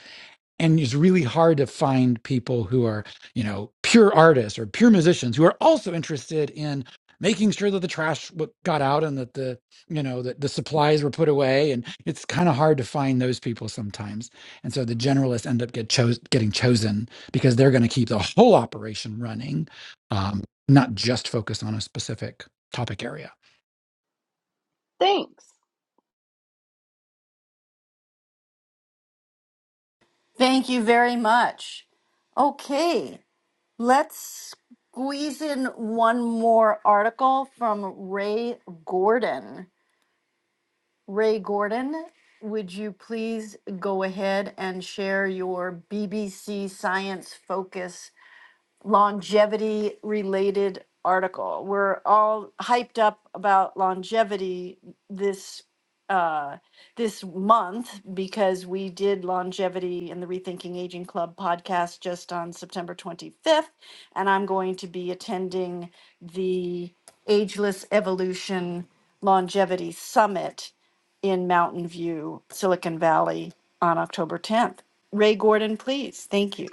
S5: and it's really hard to find people who are you know pure artists or pure musicians who are also interested in making sure that the trash w- got out and that the you know that the supplies were put away and it's kind of hard to find those people sometimes and so the generalists end up get chose, getting chosen because they're going to keep the whole operation running um, not just focus on a specific topic area
S4: thanks
S2: Thank you very much. Okay, let's squeeze in one more article from Ray Gordon. Ray Gordon, would you please go ahead and share your BBC Science Focus longevity related article. We're all hyped up about longevity this uh, this month because we did longevity in the Rethinking Aging Club podcast just on September 25th, and I'm going to be attending the Ageless Evolution Longevity Summit in Mountain View, Silicon Valley on October 10th. Ray Gordon, please. Thank you.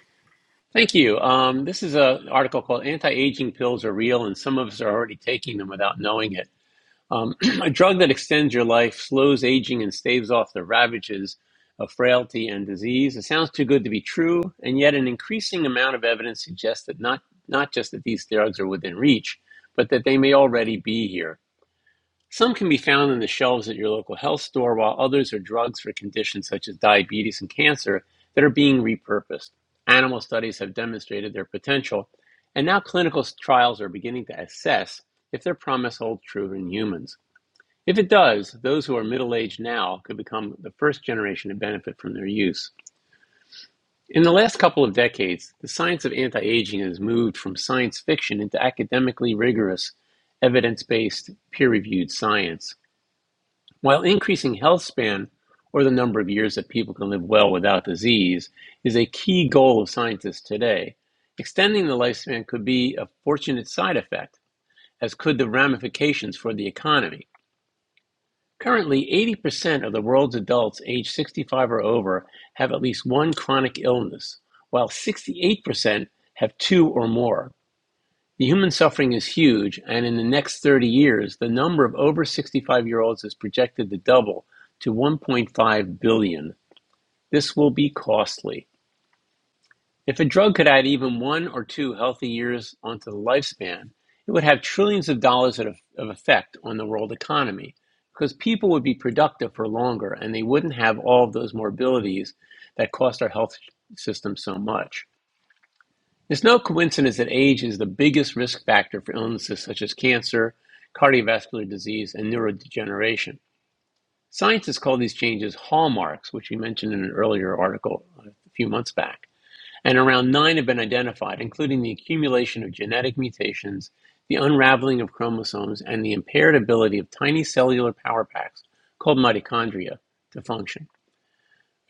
S1: Thank you. Um, this is an article called "Anti-Aging Pills Are Real, and Some of Us Are Already Taking Them Without Knowing It." Um, a drug that extends your life, slows aging, and staves off the ravages of frailty and disease. It sounds too good to be true, and yet an increasing amount of evidence suggests that not, not just that these drugs are within reach, but that they may already be here. Some can be found on the shelves at your local health store, while others are drugs for conditions such as diabetes and cancer that are being repurposed. Animal studies have demonstrated their potential, and now clinical trials are beginning to assess if their promise holds true in humans. If it does, those who are middle aged now could become the first generation to benefit from their use. In the last couple of decades, the science of anti aging has moved from science fiction into academically rigorous, evidence based, peer reviewed science. While increasing health span, or the number of years that people can live well without disease, is a key goal of scientists today, extending the lifespan could be a fortunate side effect, as could the ramifications for the economy. Currently, eighty percent of the world's adults aged sixty-five or over have at least one chronic illness, while sixty-eight percent have two or more. The human suffering is huge, and in the next thirty years, the number of over sixty-five-year-olds is projected to double to one point five billion. This will be costly. If a drug could add even one or two healthy years onto the lifespan, it would have trillions of dollars of of effect on the world economy because people would be productive for longer and they wouldn't have all of those morbidities that cost our health system so much. It's no coincidence that age is the biggest risk factor for illnesses such as cancer, cardiovascular disease, and neurodegeneration. Scientists call these changes hallmarks, which we mentioned in an earlier article a few months back and around nine have been identified, including the accumulation of genetic mutations, the unraveling of chromosomes, and the impaired ability of tiny cellular power packs called mitochondria to function.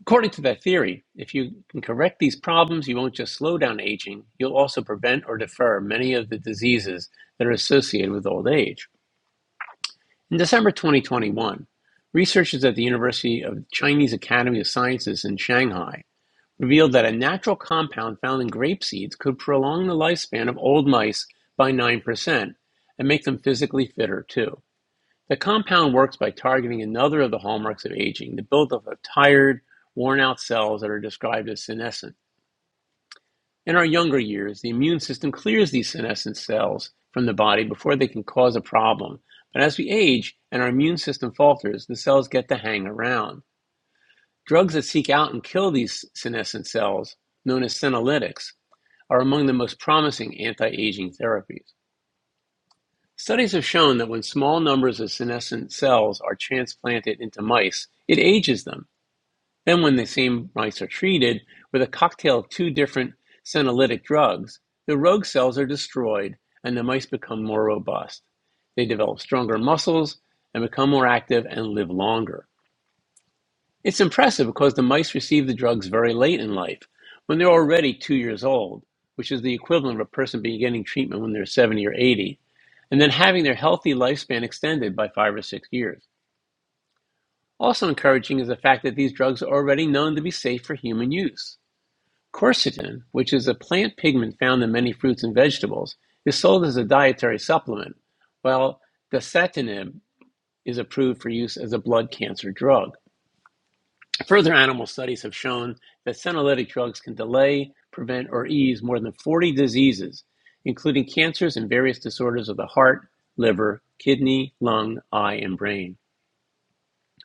S1: According to that theory, if you can correct these problems, you won't just slow down aging, you'll also prevent or defer many of the diseases that are associated with old age. In December 2021, researchers at the University of Chinese Academy of Sciences in Shanghai revealed that a natural compound found in grape seeds could prolong the lifespan of old mice by 9% and make them physically fitter too. The compound works by targeting another of the hallmarks of aging, the buildup of tired, worn out cells that are described as senescent. In our younger years, the immune system clears these senescent cells from the body before they can cause a problem. But as we age and our immune system falters, the cells get to hang around. Drugs that seek out and kill these senescent cells, known as senolytics, are among the most promising anti-aging therapies. Studies have shown that when small numbers of senescent cells are transplanted into mice, it ages them. Then, when the same mice are treated with a cocktail of two different senolytic drugs, the rogue cells are destroyed and the mice become more robust. They develop stronger muscles and become more active and live longer. It's impressive because the mice receive the drugs very late in life, when they're already two years old, which is the equivalent of a person beginning treatment when they're 70 or 80, and then having their healthy lifespan extended by five or six years. Also encouraging is the fact that these drugs are already known to be safe for human use. Quercetin, which is a plant pigment found in many fruits and vegetables, is sold as a dietary supplement, while dasatinib is approved for use as a blood cancer drug. Further animal studies have shown that senolytic drugs can delay, prevent, or ease more than 40 diseases, including cancers and various disorders of the heart, liver, kidney, lung, eye, and brain.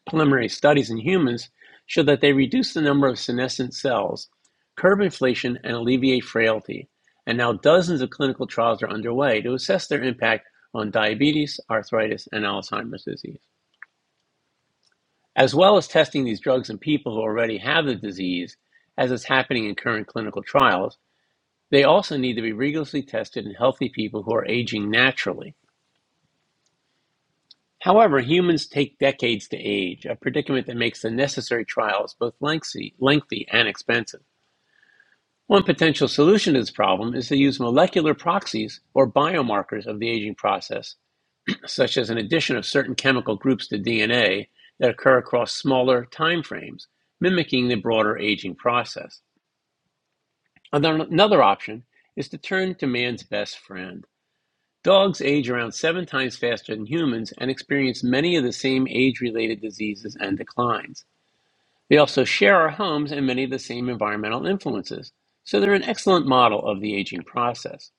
S1: Preliminary studies in humans show that they reduce the number of senescent cells, curb inflation, and alleviate frailty. And now dozens of clinical trials are underway to assess their impact on diabetes, arthritis, and Alzheimer's disease as well as testing these drugs in people who already have the disease, as is happening in current clinical trials, they also need to be rigorously tested in healthy people who are aging naturally. However, humans take decades to age, a predicament that makes the necessary trials both lengthy, lengthy and expensive. One potential solution to this problem is to use molecular proxies or biomarkers of the aging process such as an addition of certain chemical groups to DNA that occur across smaller time frames, mimicking the broader aging process. And then another option is to turn to man's best friend. Dogs age around seven times faster than humans and experience many of the same age related diseases and declines. They also share our homes and many of the same environmental influences, so they're an excellent model of the aging process.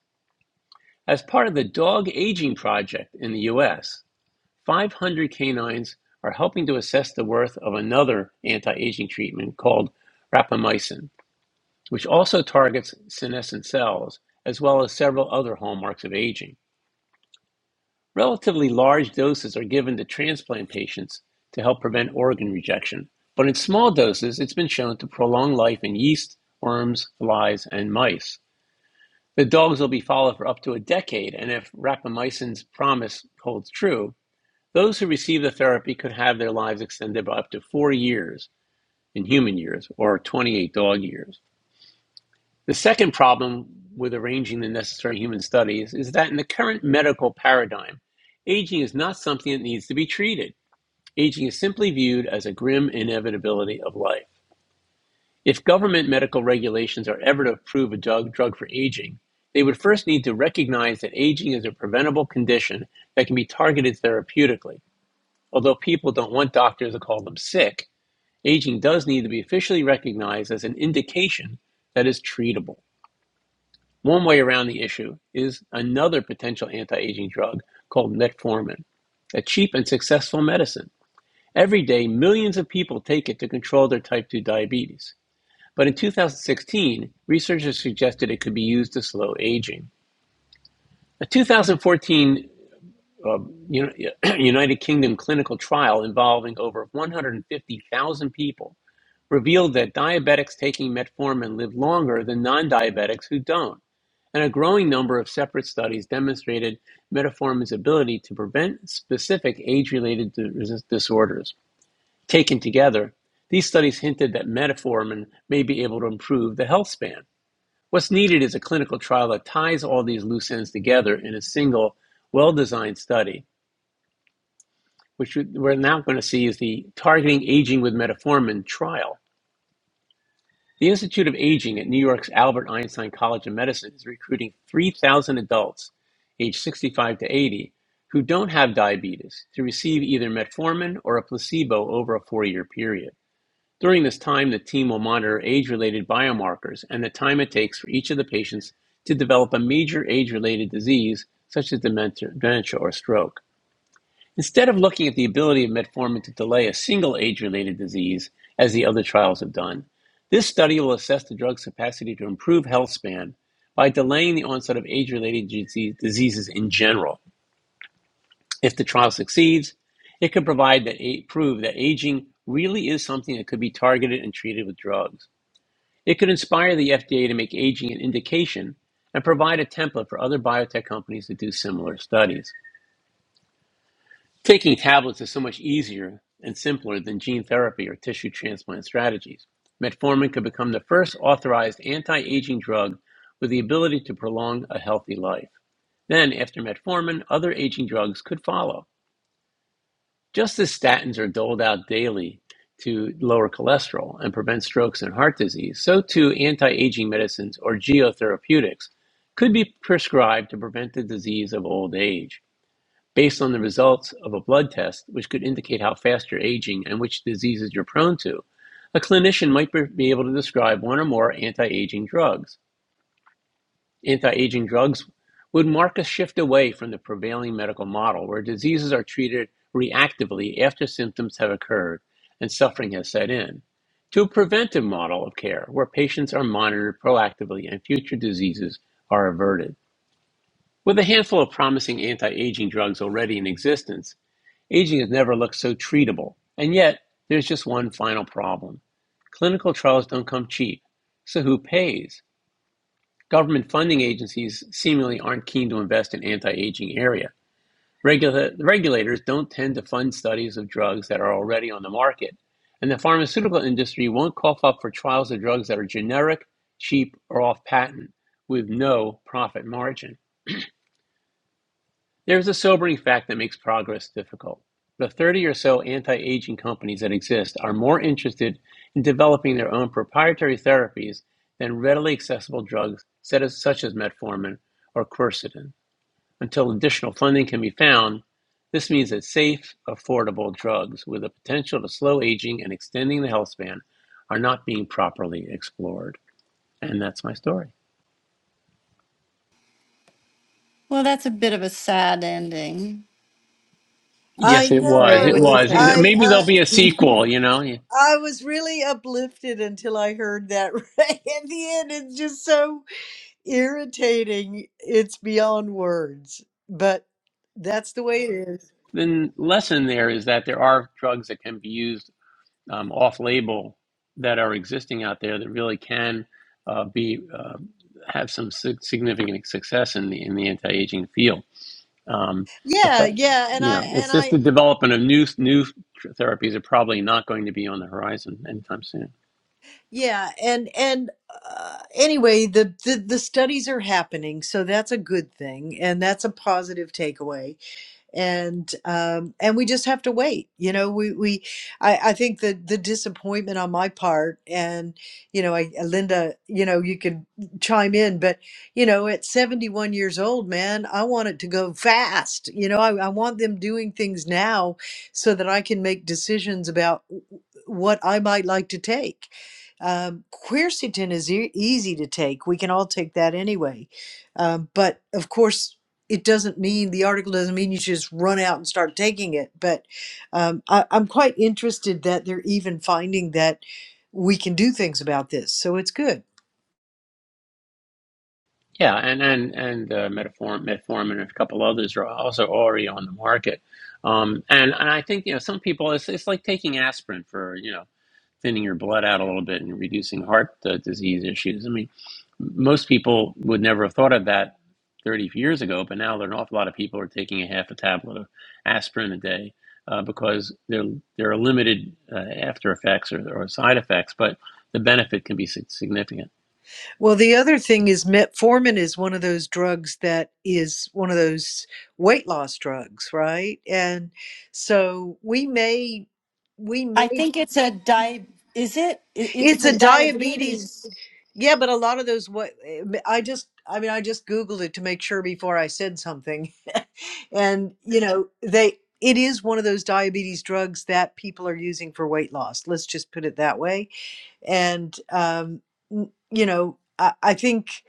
S1: As part of the Dog Aging Project in the US, 500 canines are helping to assess the worth of another anti aging treatment called rapamycin, which also targets senescent cells, as well as several other hallmarks of aging. Relatively large doses are given to transplant patients to help prevent organ rejection, but in small doses, it's been shown to prolong life in yeast, worms, flies, and mice. The dogs will be followed for up to a decade, and if rapamycin's promise holds true, those who receive the therapy could have their lives extended by up to four years in human years or 28 dog years. The second problem with arranging the necessary human studies is that in the current medical paradigm, aging is not something that needs to be treated. Aging is simply viewed as a grim inevitability of life. If government medical regulations are ever to approve a drug, drug for aging, they would first need to recognize that aging is a preventable condition that can be targeted therapeutically. Although people don't want doctors to call them sick, aging does need to be officially recognized as an indication that is treatable. One way around the issue is another potential anti aging drug called metformin, a cheap and successful medicine. Every day, millions of people take it to control their type 2 diabetes. But in 2016, researchers suggested it could be used to slow aging. A 2014 um, United Kingdom clinical trial involving over 150,000 people revealed that diabetics taking metformin live longer than non diabetics who don't. And a growing number of separate studies demonstrated metformin's ability to prevent specific age related disorders. Taken together, these studies hinted that metformin may be able to improve the health span. What's needed is a clinical trial that ties all these loose ends together in a single, well designed study, which we're now going to see is the Targeting Aging with Metformin trial The Institute of Aging at New York's Albert Einstein College of Medicine is recruiting 3,000 adults aged 65 to 80 who don't have diabetes to receive either metformin or a placebo over a four year period. During this time, the team will monitor age related biomarkers and the time it takes for each of the patients to develop a major age related disease, such as dementia dementia or stroke. Instead of looking at the ability of metformin to delay a single age related disease, as the other trials have done, this study will assess the drug's capacity to improve health span by delaying the onset of age related diseases in general. If the trial succeeds, it could provide that prove that aging really is something that could be targeted and treated with drugs. It could inspire the FDA to make aging an indication and provide a template for other biotech companies to do similar studies. Taking tablets is so much easier and simpler than gene therapy or tissue transplant strategies. Metformin could become the first authorized anti aging drug with the ability to prolong a healthy life. Then, after metformin, other aging drugs could follow. Just as statins are doled out daily to lower cholesterol and prevent strokes and heart disease, so too anti aging medicines or geotherapeutics could be prescribed to prevent the disease of old age based on the results of a blood test, which could indicate how fast you're aging and which diseases you're prone to, a clinician might be able to describe one or more anti aging drugs. Anti aging drugs would mark a shift away from the prevailing medical model where diseases are treated reactively after symptoms have occurred and suffering has set in, to a preventive model of care where patients are monitored proactively and future diseases are averted. With a handful of promising anti aging drugs already in existence, Aging has never looked so treatable. And yet, there's just one final problem. Clinical trials don't come cheap. So who pays? Government funding agencies seemingly aren't keen to invest in anti-aging area. Regula- regulators don't tend to fund studies of drugs that are already on the market. And the pharmaceutical industry won't cough up for trials of drugs that are generic, cheap, or off patent with no profit margin. There is a sobering fact that makes progress difficult. The 30 or so anti aging companies that exist are more interested in developing their own proprietary therapies than readily accessible drugs such as metformin or quercetin. Until additional funding can be found, this means that safe, affordable drugs with the potential to slow aging and extending the health span are not being properly explored. And that's my story.
S2: Well, that's a bit of a sad ending.
S3: I
S1: Yes, it was.
S2: Ray,
S1: It
S2: what do you
S3: know.
S1: was.
S2: think?
S3: I
S1: Maybe
S3: I
S1: there'll be a sequel, you know?
S3: I was really uplifted until I heard that right at the end. It's just so irritating. It's beyond words, but that's the way it is.
S1: The lesson there is that there are drugs that can be used um, off label that are existing out there that really can uh, be uh, have some significant success in the in the anti aging field. Um, the
S3: Yeah,
S1: fact,
S3: yeah, and
S1: you
S3: I
S1: know,
S3: and
S1: it's just
S3: I
S1: the development of new new therapies are probably not going to be on the horizon anytime soon.
S3: Yeah, and and uh, anyway, the, the the studies are happening, so that's a good thing, and that's a positive takeaway and um, and we just have to wait. You know, we we I, I think the the disappointment on my part, and you know, I, Linda, you know, you could chime in, but you know, at 71 years old, man, I want it to go fast. You know, I, I want them doing things now so that I can make decisions about w- w- what I might like to take. Um, quercetin is e- easy to take. We can all take that anyway. Um, but of course, it doesn't mean the article doesn't mean you just run out and start taking it. But um, I, I'm quite interested that they're even finding that we can do things about this. So it's good.
S1: Yeah, and and and uh, metformin, metformin, and a couple others are also already on the market. Um, and, and I think you know some people it's, it's like taking aspirin for you know thinning your blood out a little bit and reducing heart uh, disease issues. I mean, most people would never have thought of that 30 years ago, but now there are an awful lot of people are taking a half a tablet of aspirin a day uh, because there there are limited uh, after effects or, or side effects, but the benefit can be significant.
S3: Well, the other thing is metformin is one of those drugs that is one of those weight loss drugs, right? And so we may we
S2: I
S3: may
S2: think it's a di. Is it? i- i- It's
S3: It's
S2: a
S3: a diabetes.
S2: diabetes.
S3: Yeah, but a lot of those what I just I mean I just googled it to make sure before I said something. and you know, they it is one of those diabetes drugs that people are using for weight loss. Let's just put it that way. And um n- you know, I, I think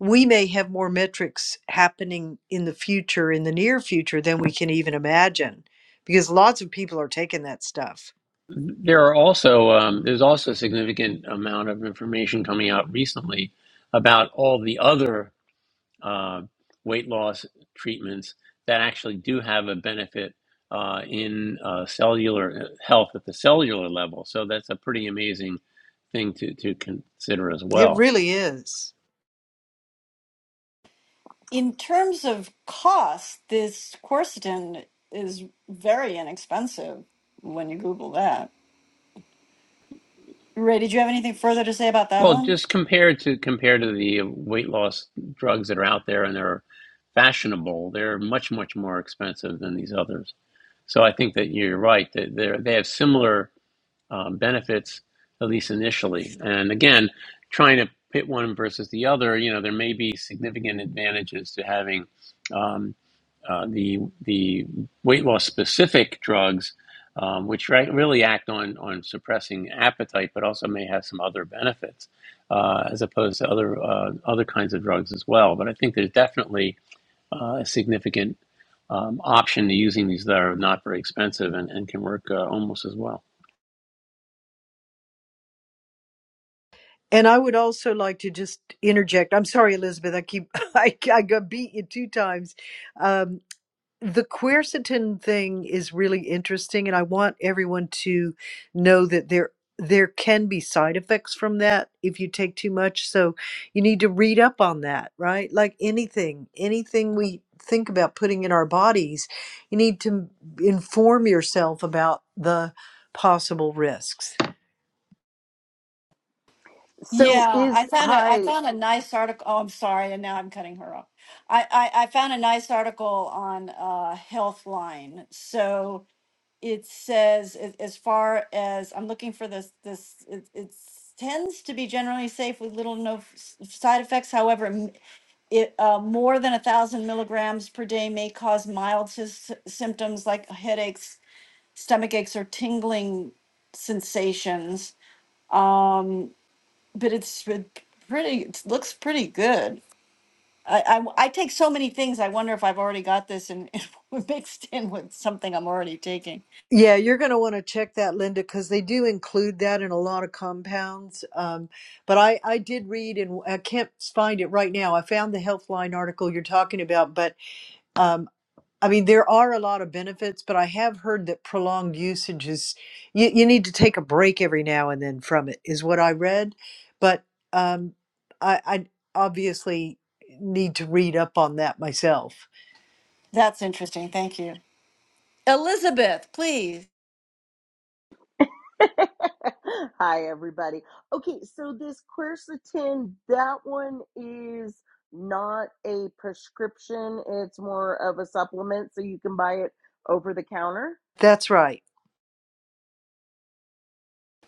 S3: we may have more metrics happening in the future in the near future than we can even imagine because lots of people are taking that stuff.
S1: There are also um, there's also a significant amount of information coming out recently about all the other uh, weight loss treatments that actually do have a benefit uh, in uh, cellular uh, health at the cellular level. So that's a pretty amazing thing to, to consider as
S3: It
S1: well.
S3: really is.
S2: In terms of cost, this quercetin is very inexpensive when you Google that. Ray, did you have anything further to say about that
S1: Well,
S2: one?
S1: just compared to compared to the weight loss drugs that are out there and they're fashionable, they're much much more expensive than these others. So I think that you're right that they they have similar um, benefits, at least initially. And again, trying to pit one versus the other, you know, there may be significant advantages to having um, uh, the the weight loss specific drugs, um, which right, really act on on suppressing appetite, but also may have some other benefits uh, as opposed to other uh, other kinds of drugs as well. But I think there's definitely uh, a significant um, option to using these that are not very expensive and, and can work uh, almost as well.
S3: And I would also like to just interject. I'm sorry, Elizabeth. I keep I, I got beat you two times. Um, the quercetin thing is really interesting, and I want everyone to know that there there can be side effects from that if you take too much. So you need to read up on that, right? Like anything, anything we think about putting in our bodies, you need to inform yourself about the possible risks.
S4: So
S2: Yeah, I
S4: is
S2: found a I
S4: hi
S2: found a nice article. Oh, I'm sorry, and now I'm cutting her off. I I, I found a nice article on uh, Healthline. So it says as, as far as I'm looking for this this it, it's tends to be generally safe with little to no f- s- side effects. However, m- it uh, more than a thousand milligrams per day may cause mild sys- symptoms like headaches, stomach aches, or tingling sensations. Um, but it's been pretty it looks pretty good I, I i take so many things i wonder if i've already got this and mixed in with something i'm already taking
S3: Yeah, you're going to want to check that, Linda, because they do include that in a lot of compounds. Um, but I, I did read, and I can't find it right now. I found the Healthline article you're talking about, but um, I mean, there are a lot of benefits, but I have heard that prolonged usage is you, you need to take a break every now and then from it, is what I read. But um, I, I obviously need to read up on that myself.
S2: that's interesting thank you elizabeth please
S4: hi everybody. Okay, so this quercetin, that one is not a prescription, it's more of a supplement, so you can buy it over the counter.
S3: That's right.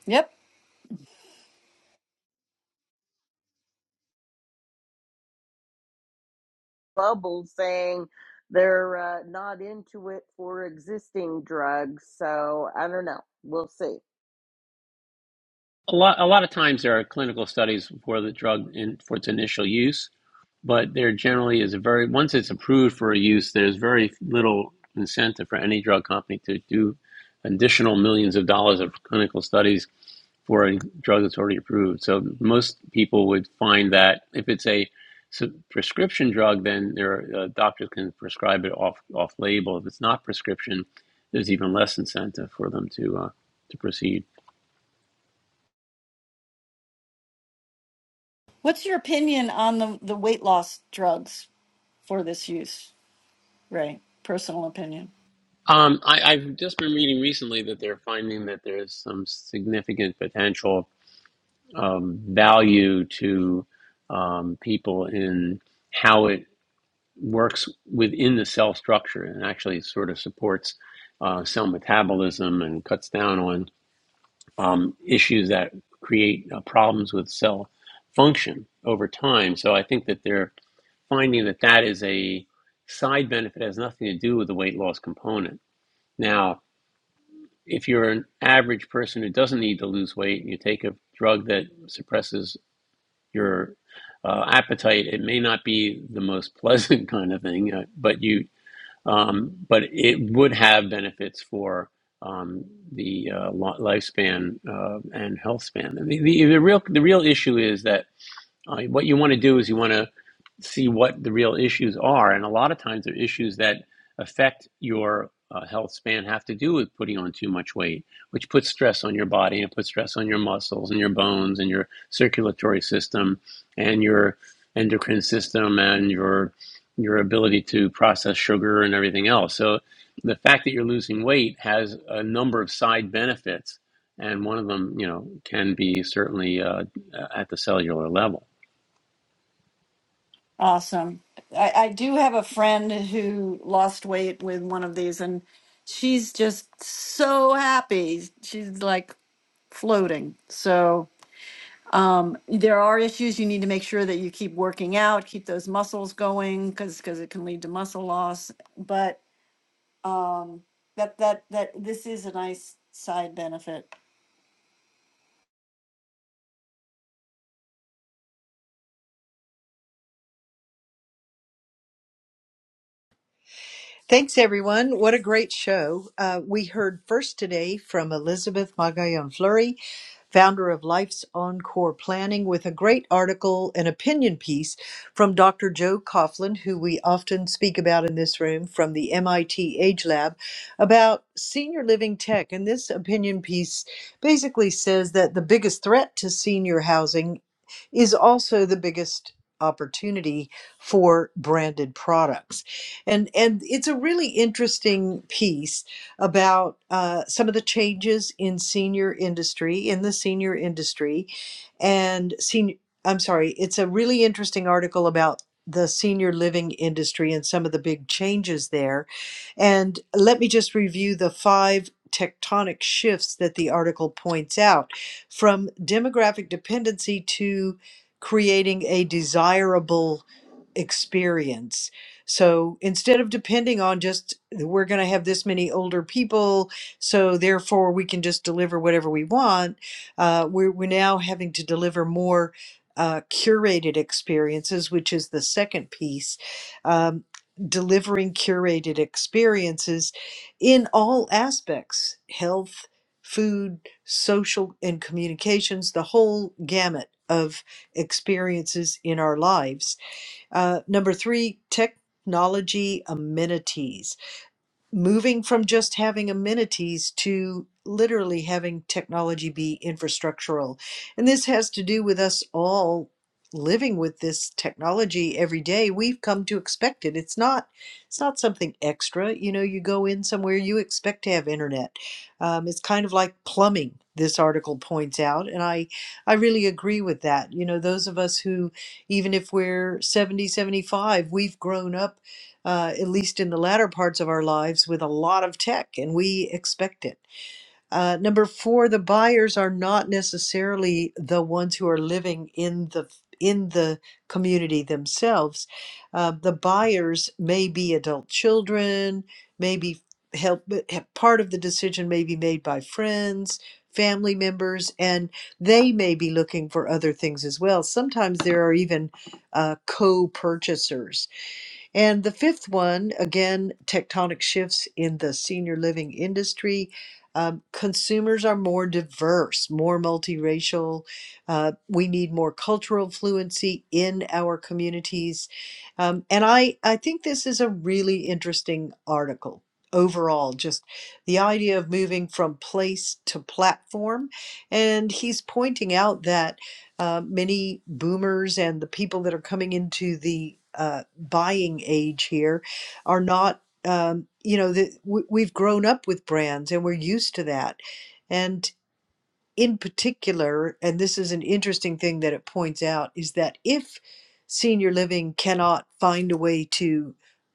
S2: yep
S4: Bubbles saying they're uh, not into it for existing drugs, so I don't know. We'll see.
S1: A lot, a lot of times there are clinical studies for the drug in, for its initial use, but there generally is a very, once it's approved for a use, there's very little incentive for any drug company to do additional millions of dollars of clinical studies for a drug that's already approved. So most people would find that if it's a prescription drug, then their uh, doctors can prescribe it off off label. If it's not prescription, there's even less incentive for them to uh, to proceed.
S2: what's your opinion on the the weight loss drugs for this use ray personal opinion
S1: Um, I, I've just been reading recently that they're finding that there's some significant potential um, value to um, people in how it works within the cell structure and actually sort of supports uh, cell metabolism and cuts down on um, issues that create uh, problems with cell function over time. So I think that they're finding that that is a side benefit, has nothing to do with the weight loss component. Now, if you're an average person who doesn't need to lose weight and you take a drug that suppresses your uh, appetite, it may not be the most pleasant kind of thing, uh, but you um, but it would have benefits for um, the uh, lifespan uh, and health span. And the, the, the real the real issue is that uh, what you want to do is you want to see what the real issues are. And a lot of times, the issues that affect your uh, health span have to do with putting on too much weight, which puts stress on your body and puts stress on your muscles and your bones and your circulatory system and your endocrine system and your your ability to process sugar and everything else. So the fact that you're losing weight has a number of side benefits, and one of them, you know, can be certainly uh, at the cellular level.
S2: awesome i i do have a friend who lost weight with one of these and she's just so happy she's like floating so Um, there are issues you need to make sure that you keep working out, keep those muscles going, because because it can lead to muscle loss. But um, that that that this is a nice side benefit.
S3: Thanks, everyone. What a great show. Uh, we heard first today from Elizabeth Magallon Fleury founder of Life's Encore Planning, with a great article an opinion piece from Dr. Joe Coughlin, who we often speak about in this room from the MIT Age Lab, about senior living tech. And this opinion piece basically says that the biggest threat to senior housing is also the biggest opportunity for branded products and and it's a really interesting piece about uh, some of the changes in senior industry, in the senior industry, and senior. I'm sorry, it's a really interesting article about the senior living industry and some of the big changes there. And let me just review the five tectonic shifts that the article points out from demographic dependency to creating a desirable experience so instead of depending on just we're going to have this many older people, so therefore we can just deliver whatever we want, uh, we're, we're now having to deliver more uh, curated experiences, which is the second piece. Um, delivering curated experiences in all aspects health, food, social, and communications, the whole gamut of experiences in our lives uh, number three, technology amenities moving from just having amenities to literally having technology be infrastructural. And this has to do with us all living with this technology every day. We've come to expect it. It's not it's not something extra. You know, you go in somewhere, you expect to have internet. Um, it's kind of like plumbing. This article points out, and I, I really agree with that. You know, those of us who, even if we're seventy, seventy-five, we've grown up uh, at least in the latter parts of our lives, with a lot of tech, and we expect it. Uh, number four, the buyers are not necessarily the ones who are living in the in the community themselves. Uh, the buyers may be adult children, maybe help. Part of the decision may be made by friends, family members, and they may be looking for other things as well. Sometimes there are even uh, co-purchasers and the fifth one, again, tectonic shifts in the senior living industry. Um, consumers are more diverse, more multiracial. Uh, we need more cultural fluency in our communities. Um, and I, I think this is a really interesting article overall, just the idea of moving from place to platform. And he's pointing out that uh, many boomers and the people that are coming into the uh, buying age here are not, um, you know, the, we, we've grown up with brands and we're used to that. And in particular, and this is an interesting thing that it points out, is that if senior living cannot find a way to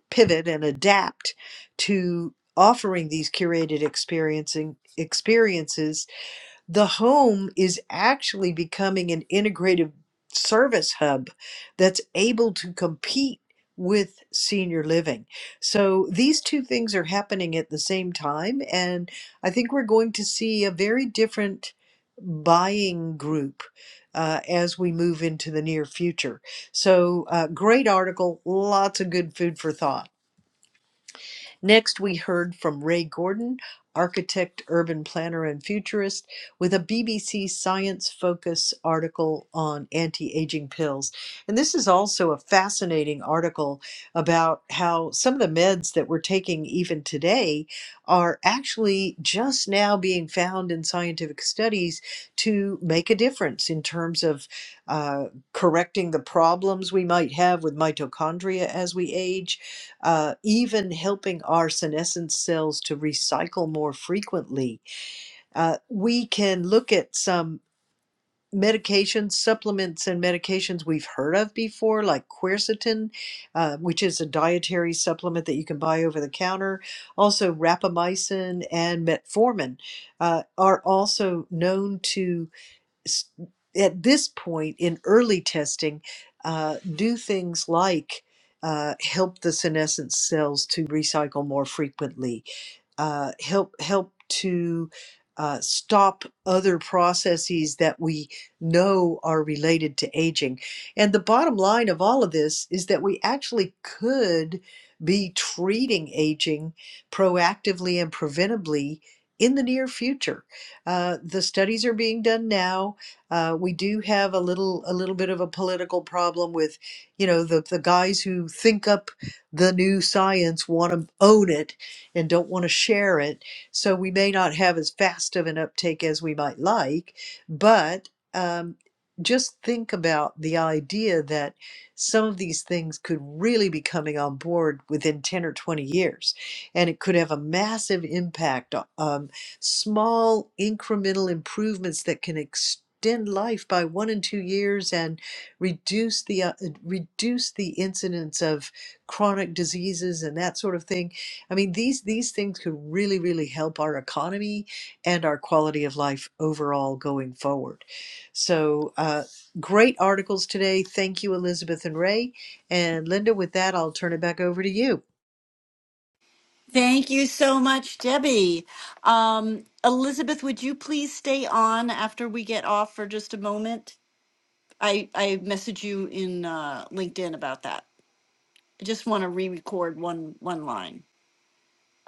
S3: pivot and adapt to offering these curated experiencing experiences the home is actually becoming an integrative service hub that's able to compete with senior living. So these two things are happening at the same time. And I think we're going to see a very different buying group uh, as we move into the near future. So, uh, great article, lots of good food for thought. Next, we heard from Ray Gordon, architect, urban planner, and futurist, with a BBC Science Focus article on anti aging pills. And this is also a fascinating article about how some of the meds that we're taking even today are actually just now being found in scientific studies to make a difference in terms of uh, correcting the problems we might have with mitochondria as we age uh, even helping our senescent cells to recycle more frequently. Uh, we can look at some medications, supplements, and medications we've heard of before, like quercetin, uh, which is a dietary supplement that you can buy over the counter. Also, rapamycin and metformin uh, are also known to s- at this point in early testing, uh, do things like uh, help the senescent cells to recycle more frequently, uh, help help to uh, stop other processes that we know are related to aging. And the bottom line of all of this is that we actually could be treating aging proactively and preventably in the near future. Uh, the studies are being done now uh, we do have a little a little bit of a political problem with, you know, the the guys who think up the new science want to own it and don't want to share it. So we may not have as fast of an uptake as we might like, but um, just think about the idea that some of these things could really be coming on board within 10 or 20 years and it could have a massive impact um, small incremental improvements that can extend life by one and two years and reduce the uh, reduce the incidence of chronic diseases and that sort of thing. I mean, these these things could really really help our economy and our quality of life overall going forward. So, uh, great articles today. Thank you, Elizabeth and Ray and Linda. With that, I'll turn it back over to you.
S2: Thank you so much, Debbie. Um, Elizabeth, would you please stay on after we get off for just a moment? I I message you in uh, LinkedIn about that. I just want to re-record one one line.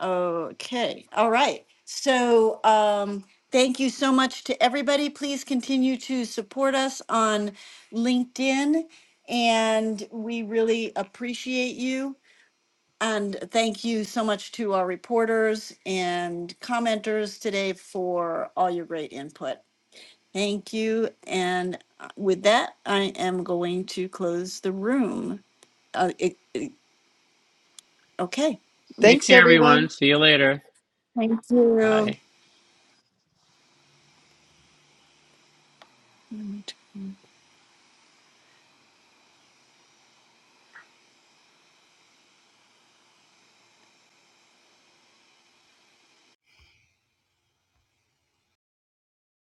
S2: Okay, all right. So um, thank you so much to everybody. Please continue to support us on LinkedIn, and we really appreciate you. And thank you so much to our reporters and commenters today for all your great input. Thank you. And uh, with that, I am going to close the room. Uh, it, it- okay.
S1: Take
S3: Thanks,
S1: care,
S3: everyone.
S1: everyone. See you later.
S2: Thank you.
S1: Bye.
S2: Let me